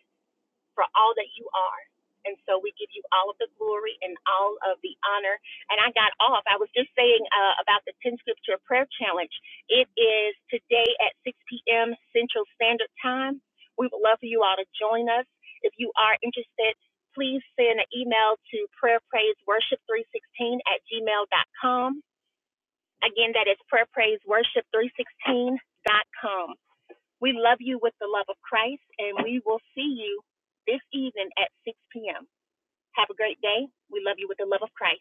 for all that you are. And so we give you all of the glory and all of the honor. And I got off. I was just saying uh, about the 10 Scripture Prayer Challenge. It is today at 6 p.m. Central Standard Time. We would love for you all to join us. If you are interested, please send an email to prayerpraiseworship316 at gmail.com Again, that is prayer, praise, worship. Three sixteen dot com. We love you with the love of Christ, and we will see you this evening at 6 p.m. Have a great day. We love you with the love of Christ.